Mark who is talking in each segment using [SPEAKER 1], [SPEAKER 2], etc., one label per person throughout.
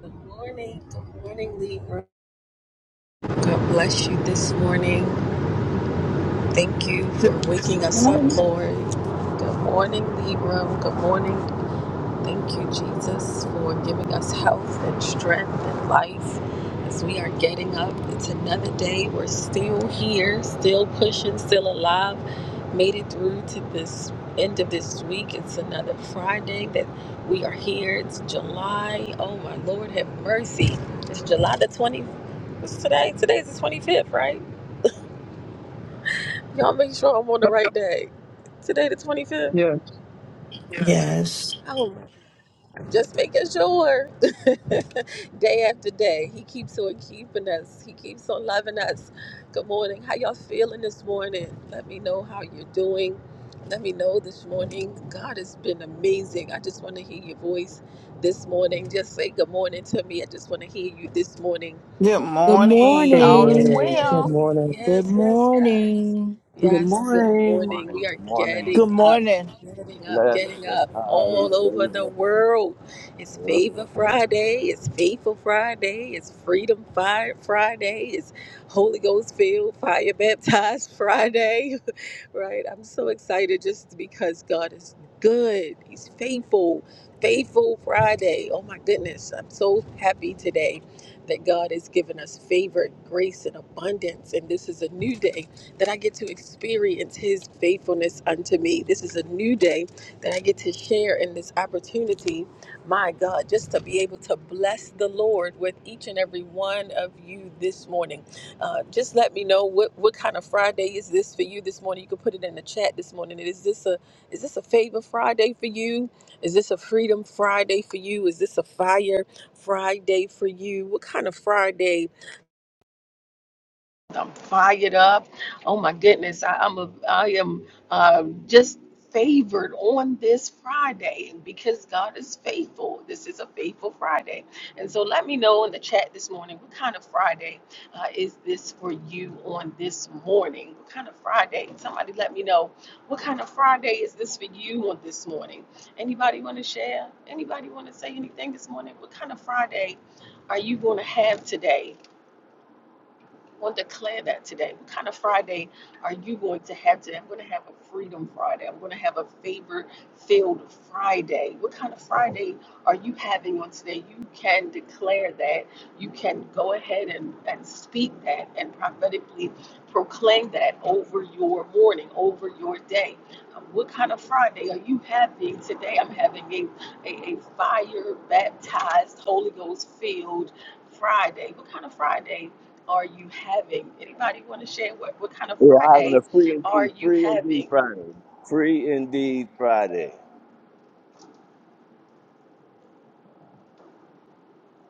[SPEAKER 1] Good morning. Good morning, Libra. God bless you this morning. Thank you
[SPEAKER 2] Good
[SPEAKER 1] for waking us up,
[SPEAKER 2] morning.
[SPEAKER 1] Lord. Good morning, Libra. Good morning. Thank you, Jesus, for giving us health and strength and life as we are getting up. It's another day. We're still here, still pushing, still alive. Made it through to this end of this week. It's another Friday that we are here. It's July. Oh, my Lord, have mercy. It's July the 25th. What's today? Today's the 25th, right? Y'all make sure I'm on the
[SPEAKER 3] Yep.
[SPEAKER 1] right day. Today the 25th.
[SPEAKER 3] Yes,
[SPEAKER 4] Yes.
[SPEAKER 1] Oh, just making sure. day after day, he keeps on keeping us. He keeps on loving us. Good morning. How y'all feeling this morning? Let me know how you're doing. Let me know this morning. God has been amazing. I just want to hear your voice this morning. Just say good morning to me. I just want to hear you this morning.
[SPEAKER 2] Good
[SPEAKER 5] Good
[SPEAKER 2] morning.
[SPEAKER 3] good
[SPEAKER 2] All is
[SPEAKER 5] morning.
[SPEAKER 3] morning. Good
[SPEAKER 2] well.
[SPEAKER 1] Yay.
[SPEAKER 3] morning.
[SPEAKER 5] Good
[SPEAKER 1] Yes, yes, yes.
[SPEAKER 5] morning.
[SPEAKER 6] Good
[SPEAKER 1] Yes, good
[SPEAKER 6] morning.
[SPEAKER 1] morning. We are
[SPEAKER 7] Good morning,
[SPEAKER 8] Good
[SPEAKER 1] getting up,
[SPEAKER 8] morning.
[SPEAKER 1] getting up,
[SPEAKER 7] blessed
[SPEAKER 1] getting
[SPEAKER 7] and
[SPEAKER 1] up
[SPEAKER 7] highly
[SPEAKER 1] all over the
[SPEAKER 7] favored.
[SPEAKER 1] world. It's
[SPEAKER 7] Yeah,
[SPEAKER 1] Favor Friday. It's Faithful Friday. It's Freedom Fire Friday. It's Holy Ghost Filled Fire Baptized Friday. right? I'm so excited just because God is good. He's faithful. Faithful Friday. Oh my goodness. I'm so happy today that God has given us favor, grace, and abundance. And this is a new day that I get to experience His faithfulness unto me. This is a new day that I get to share in this opportunity, my God, just to be able to bless the Lord with each and every one of you this morning. Uh, just let me know what, what kind of Friday is this for you this morning. You can put it in the chat this morning. Is this a is this a favor Friday for you? Is this a freedom Friday for you? Is this a fire Friday for you? What kind of Friday? I'm fired up. Oh my goodness, I, I'm a, I am uh, just favored on this Friday, and because God is faithful, this is a faithful Friday. And so, let me know in the chat this morning what kind of Friday uh, is this for you on this morning? What kind of Friday? Somebody let me know what kind of Friday is this for you on this morning. Anybody want to share? Anybody want to say anything this morning? What kind of Friday are you going to have today? want to declare that today. What kind of Friday are you going to have today? I'm going to have a Freedom Friday. I'm going to have a favor filled Friday. What kind of Friday are you having on today? You can declare that. You can go ahead and, and speak that and prophetically proclaim that over your morning, over your day. Uh, What kind of Friday are you having today? I'm having a, a, a fire baptized, Holy Ghost filled Friday. What kind of Friday? are you having? Anybody want to share what, what kind of
[SPEAKER 7] Yeah, having
[SPEAKER 1] Friday
[SPEAKER 7] a free
[SPEAKER 1] are
[SPEAKER 7] indeed,
[SPEAKER 1] you
[SPEAKER 7] free indeed
[SPEAKER 1] having?
[SPEAKER 7] Friday, free indeed Friday.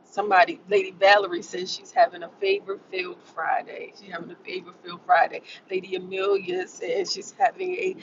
[SPEAKER 1] Somebody, Lady Valerie says she's having a favor filled Friday. She's having a favor filled Friday. Lady Amelia says she's having a,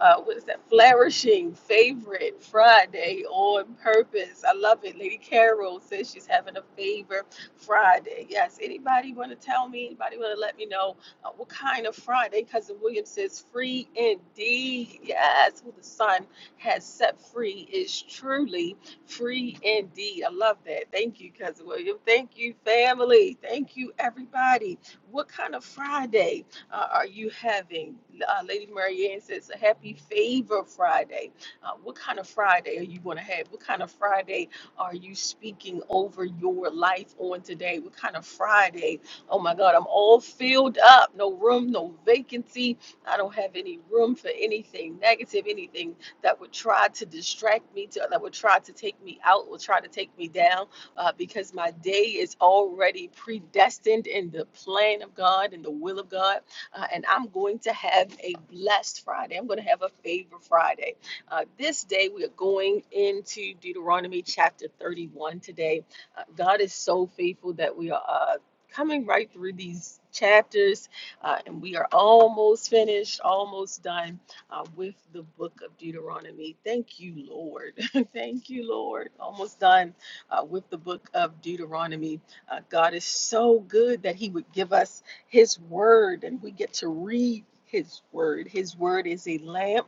[SPEAKER 1] uh, what is that, flourishing favorite Friday on purpose. I love it. Lady Carol says she's having a favor Friday. Yes, anybody want to tell me? Anybody want to let me know uh, what kind of Friday? Cousin William says free indeed. Yes, who the sun has set free is truly Free indeed. I love that. Thank you, Cousin William. Thank you, family. Thank you, everybody. What kind of Friday uh, are you having? Uh, Lady Mary Ann says, a happy favor Friday. Uh, what kind of Friday are you going to have? What kind of Friday are you speaking over your life on today? What kind of Friday? Oh my God, I'm all filled up. No room, no vacancy. I don't have any room for anything negative, anything that would try to distract me, to, that would try to take me out, would try to take me down, uh, because my day is already predestined in the plan of God and the will of God. Uh, and I'm going to have a blessed Friday. I'm going to have a favor Friday. Uh, this day, we are going into Deuteronomy chapter 31 today. Uh, God is so faithful that we are. Uh, Coming right through these chapters, uh, and we are almost finished, almost done uh, with the book of Deuteronomy. Thank you, Lord. Thank you, Lord. Almost done uh, with the book of Deuteronomy. Uh, God is so good that He would give us His word and we get to read His word. His word is a lamp.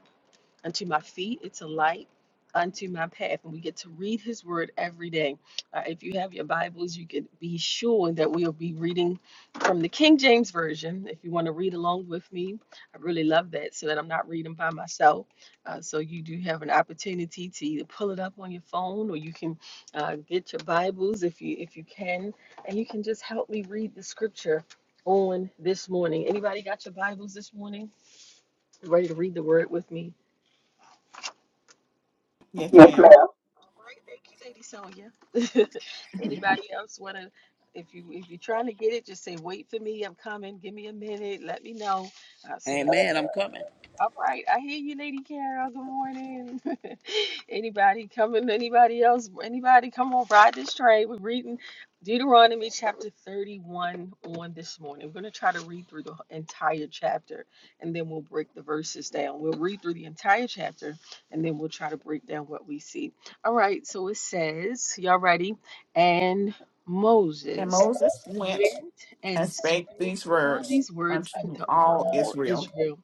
[SPEAKER 1] Unto my feet, it's a light unto my path. And we get to read his word every day. Uh, if you have your Bibles, you can be sure that we'll be reading from the King James Version. If you want to read along with me, I really love that so that I'm not reading by myself. Uh, so you do have an opportunity to either pull it up on your phone or you can uh, get your Bibles if you if you can, and you can just help me read the scripture on this morning. Anybody got your Bibles this morning? Ready to read the word with me?
[SPEAKER 2] Yes, ma'am.
[SPEAKER 1] All right, thank you, Lady Sonya. Anybody else wanna, if you, if you're trying to get it, just say, wait for me, I'm coming, give me a minute, let me know, uh, so that
[SPEAKER 6] Amen. I'm coming.
[SPEAKER 1] all right, I hear you, Lady Carol. Good morning. anybody coming? Anybody else? Anybody come on, ride this train? We're reading Deuteronomy chapter 31 on this morning. We're going to try to read through the entire chapter and then we'll break the verses down. We'll read through the entire chapter and then we'll try to break down what we see. All right, so it says, Y'all ready? And
[SPEAKER 2] And
[SPEAKER 1] Moses
[SPEAKER 2] Moses went
[SPEAKER 1] went
[SPEAKER 2] and
[SPEAKER 1] and
[SPEAKER 2] spake
[SPEAKER 1] spoke
[SPEAKER 2] these
[SPEAKER 1] all
[SPEAKER 2] words
[SPEAKER 1] these words
[SPEAKER 2] unto
[SPEAKER 1] unto
[SPEAKER 2] all
[SPEAKER 1] all
[SPEAKER 2] Israel.
[SPEAKER 1] Israel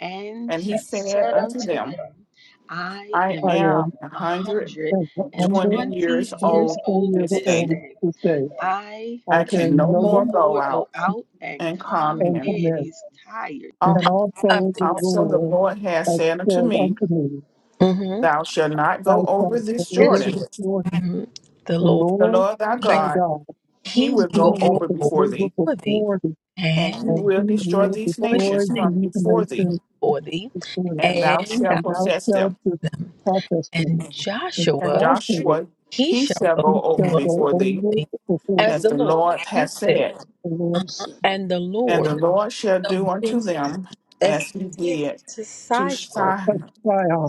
[SPEAKER 1] and
[SPEAKER 2] And
[SPEAKER 1] he
[SPEAKER 2] he said
[SPEAKER 1] said
[SPEAKER 2] unto
[SPEAKER 1] unto
[SPEAKER 2] them,
[SPEAKER 1] them, I
[SPEAKER 2] I
[SPEAKER 3] I
[SPEAKER 1] am
[SPEAKER 2] am
[SPEAKER 3] am
[SPEAKER 2] a
[SPEAKER 1] a
[SPEAKER 2] hundred
[SPEAKER 1] hundred
[SPEAKER 2] and
[SPEAKER 1] and
[SPEAKER 2] twenty
[SPEAKER 1] twenty
[SPEAKER 2] years
[SPEAKER 1] years
[SPEAKER 2] old
[SPEAKER 3] 120
[SPEAKER 1] old
[SPEAKER 3] years
[SPEAKER 2] this
[SPEAKER 1] this
[SPEAKER 2] day.
[SPEAKER 3] old
[SPEAKER 1] day.
[SPEAKER 3] this day.
[SPEAKER 1] I
[SPEAKER 3] I
[SPEAKER 2] I can
[SPEAKER 3] can
[SPEAKER 1] can
[SPEAKER 2] no
[SPEAKER 1] no
[SPEAKER 3] know
[SPEAKER 2] more go
[SPEAKER 1] more go
[SPEAKER 2] out
[SPEAKER 1] out and
[SPEAKER 2] and come
[SPEAKER 1] come
[SPEAKER 3] and
[SPEAKER 2] in.
[SPEAKER 3] come
[SPEAKER 1] in.
[SPEAKER 3] in.
[SPEAKER 1] He's tired.
[SPEAKER 2] Al-
[SPEAKER 3] And
[SPEAKER 1] Up
[SPEAKER 3] also the
[SPEAKER 2] Also the
[SPEAKER 3] Lord
[SPEAKER 2] Lord has
[SPEAKER 3] has
[SPEAKER 2] said unto
[SPEAKER 3] said
[SPEAKER 2] me,
[SPEAKER 3] unto me,
[SPEAKER 1] hmm
[SPEAKER 2] Thou shalt not go
[SPEAKER 3] Thou shalt
[SPEAKER 2] over this
[SPEAKER 3] deliver
[SPEAKER 1] This
[SPEAKER 2] Jordan.
[SPEAKER 1] is
[SPEAKER 3] before thee.
[SPEAKER 1] hmm the
[SPEAKER 3] The
[SPEAKER 1] Lord,
[SPEAKER 2] The
[SPEAKER 3] Lord
[SPEAKER 2] Lord thy
[SPEAKER 3] thy
[SPEAKER 2] God,
[SPEAKER 3] God,
[SPEAKER 2] he
[SPEAKER 1] He
[SPEAKER 2] will
[SPEAKER 3] he
[SPEAKER 2] go
[SPEAKER 1] will go
[SPEAKER 3] will
[SPEAKER 2] over
[SPEAKER 1] before
[SPEAKER 2] before thee
[SPEAKER 3] deliver
[SPEAKER 1] thee,
[SPEAKER 3] before thee,
[SPEAKER 2] and he
[SPEAKER 1] and
[SPEAKER 3] and
[SPEAKER 2] will
[SPEAKER 3] he
[SPEAKER 2] destroy
[SPEAKER 3] will
[SPEAKER 2] these
[SPEAKER 1] for his
[SPEAKER 3] destroy
[SPEAKER 2] nations
[SPEAKER 1] name
[SPEAKER 2] from
[SPEAKER 3] these
[SPEAKER 2] before thee,
[SPEAKER 3] nations
[SPEAKER 1] for thee,
[SPEAKER 3] before thee.
[SPEAKER 2] and thou
[SPEAKER 1] and thy
[SPEAKER 2] shalt
[SPEAKER 3] And thou
[SPEAKER 2] possess
[SPEAKER 3] shalt
[SPEAKER 2] them.
[SPEAKER 1] them.
[SPEAKER 3] process them.
[SPEAKER 1] And
[SPEAKER 3] And
[SPEAKER 2] And
[SPEAKER 1] Joshua,
[SPEAKER 3] Joshua,
[SPEAKER 2] Joshua
[SPEAKER 1] he
[SPEAKER 2] he
[SPEAKER 1] shall
[SPEAKER 2] shall
[SPEAKER 1] go
[SPEAKER 3] he
[SPEAKER 2] go over
[SPEAKER 3] shall
[SPEAKER 1] before
[SPEAKER 3] go
[SPEAKER 2] before thee,
[SPEAKER 3] over
[SPEAKER 1] thee,
[SPEAKER 3] before thee
[SPEAKER 1] as
[SPEAKER 2] as
[SPEAKER 1] the
[SPEAKER 2] the
[SPEAKER 1] Lord
[SPEAKER 2] Lord hath
[SPEAKER 1] has said.
[SPEAKER 2] said.
[SPEAKER 3] The Lord said,
[SPEAKER 1] And the
[SPEAKER 2] And the
[SPEAKER 1] Lord
[SPEAKER 2] Lord shall
[SPEAKER 1] shall
[SPEAKER 2] do
[SPEAKER 1] do
[SPEAKER 2] unto them
[SPEAKER 1] as
[SPEAKER 2] as he
[SPEAKER 1] did
[SPEAKER 2] did
[SPEAKER 1] to
[SPEAKER 2] to
[SPEAKER 1] Sidon
[SPEAKER 3] Touch
[SPEAKER 2] Sihon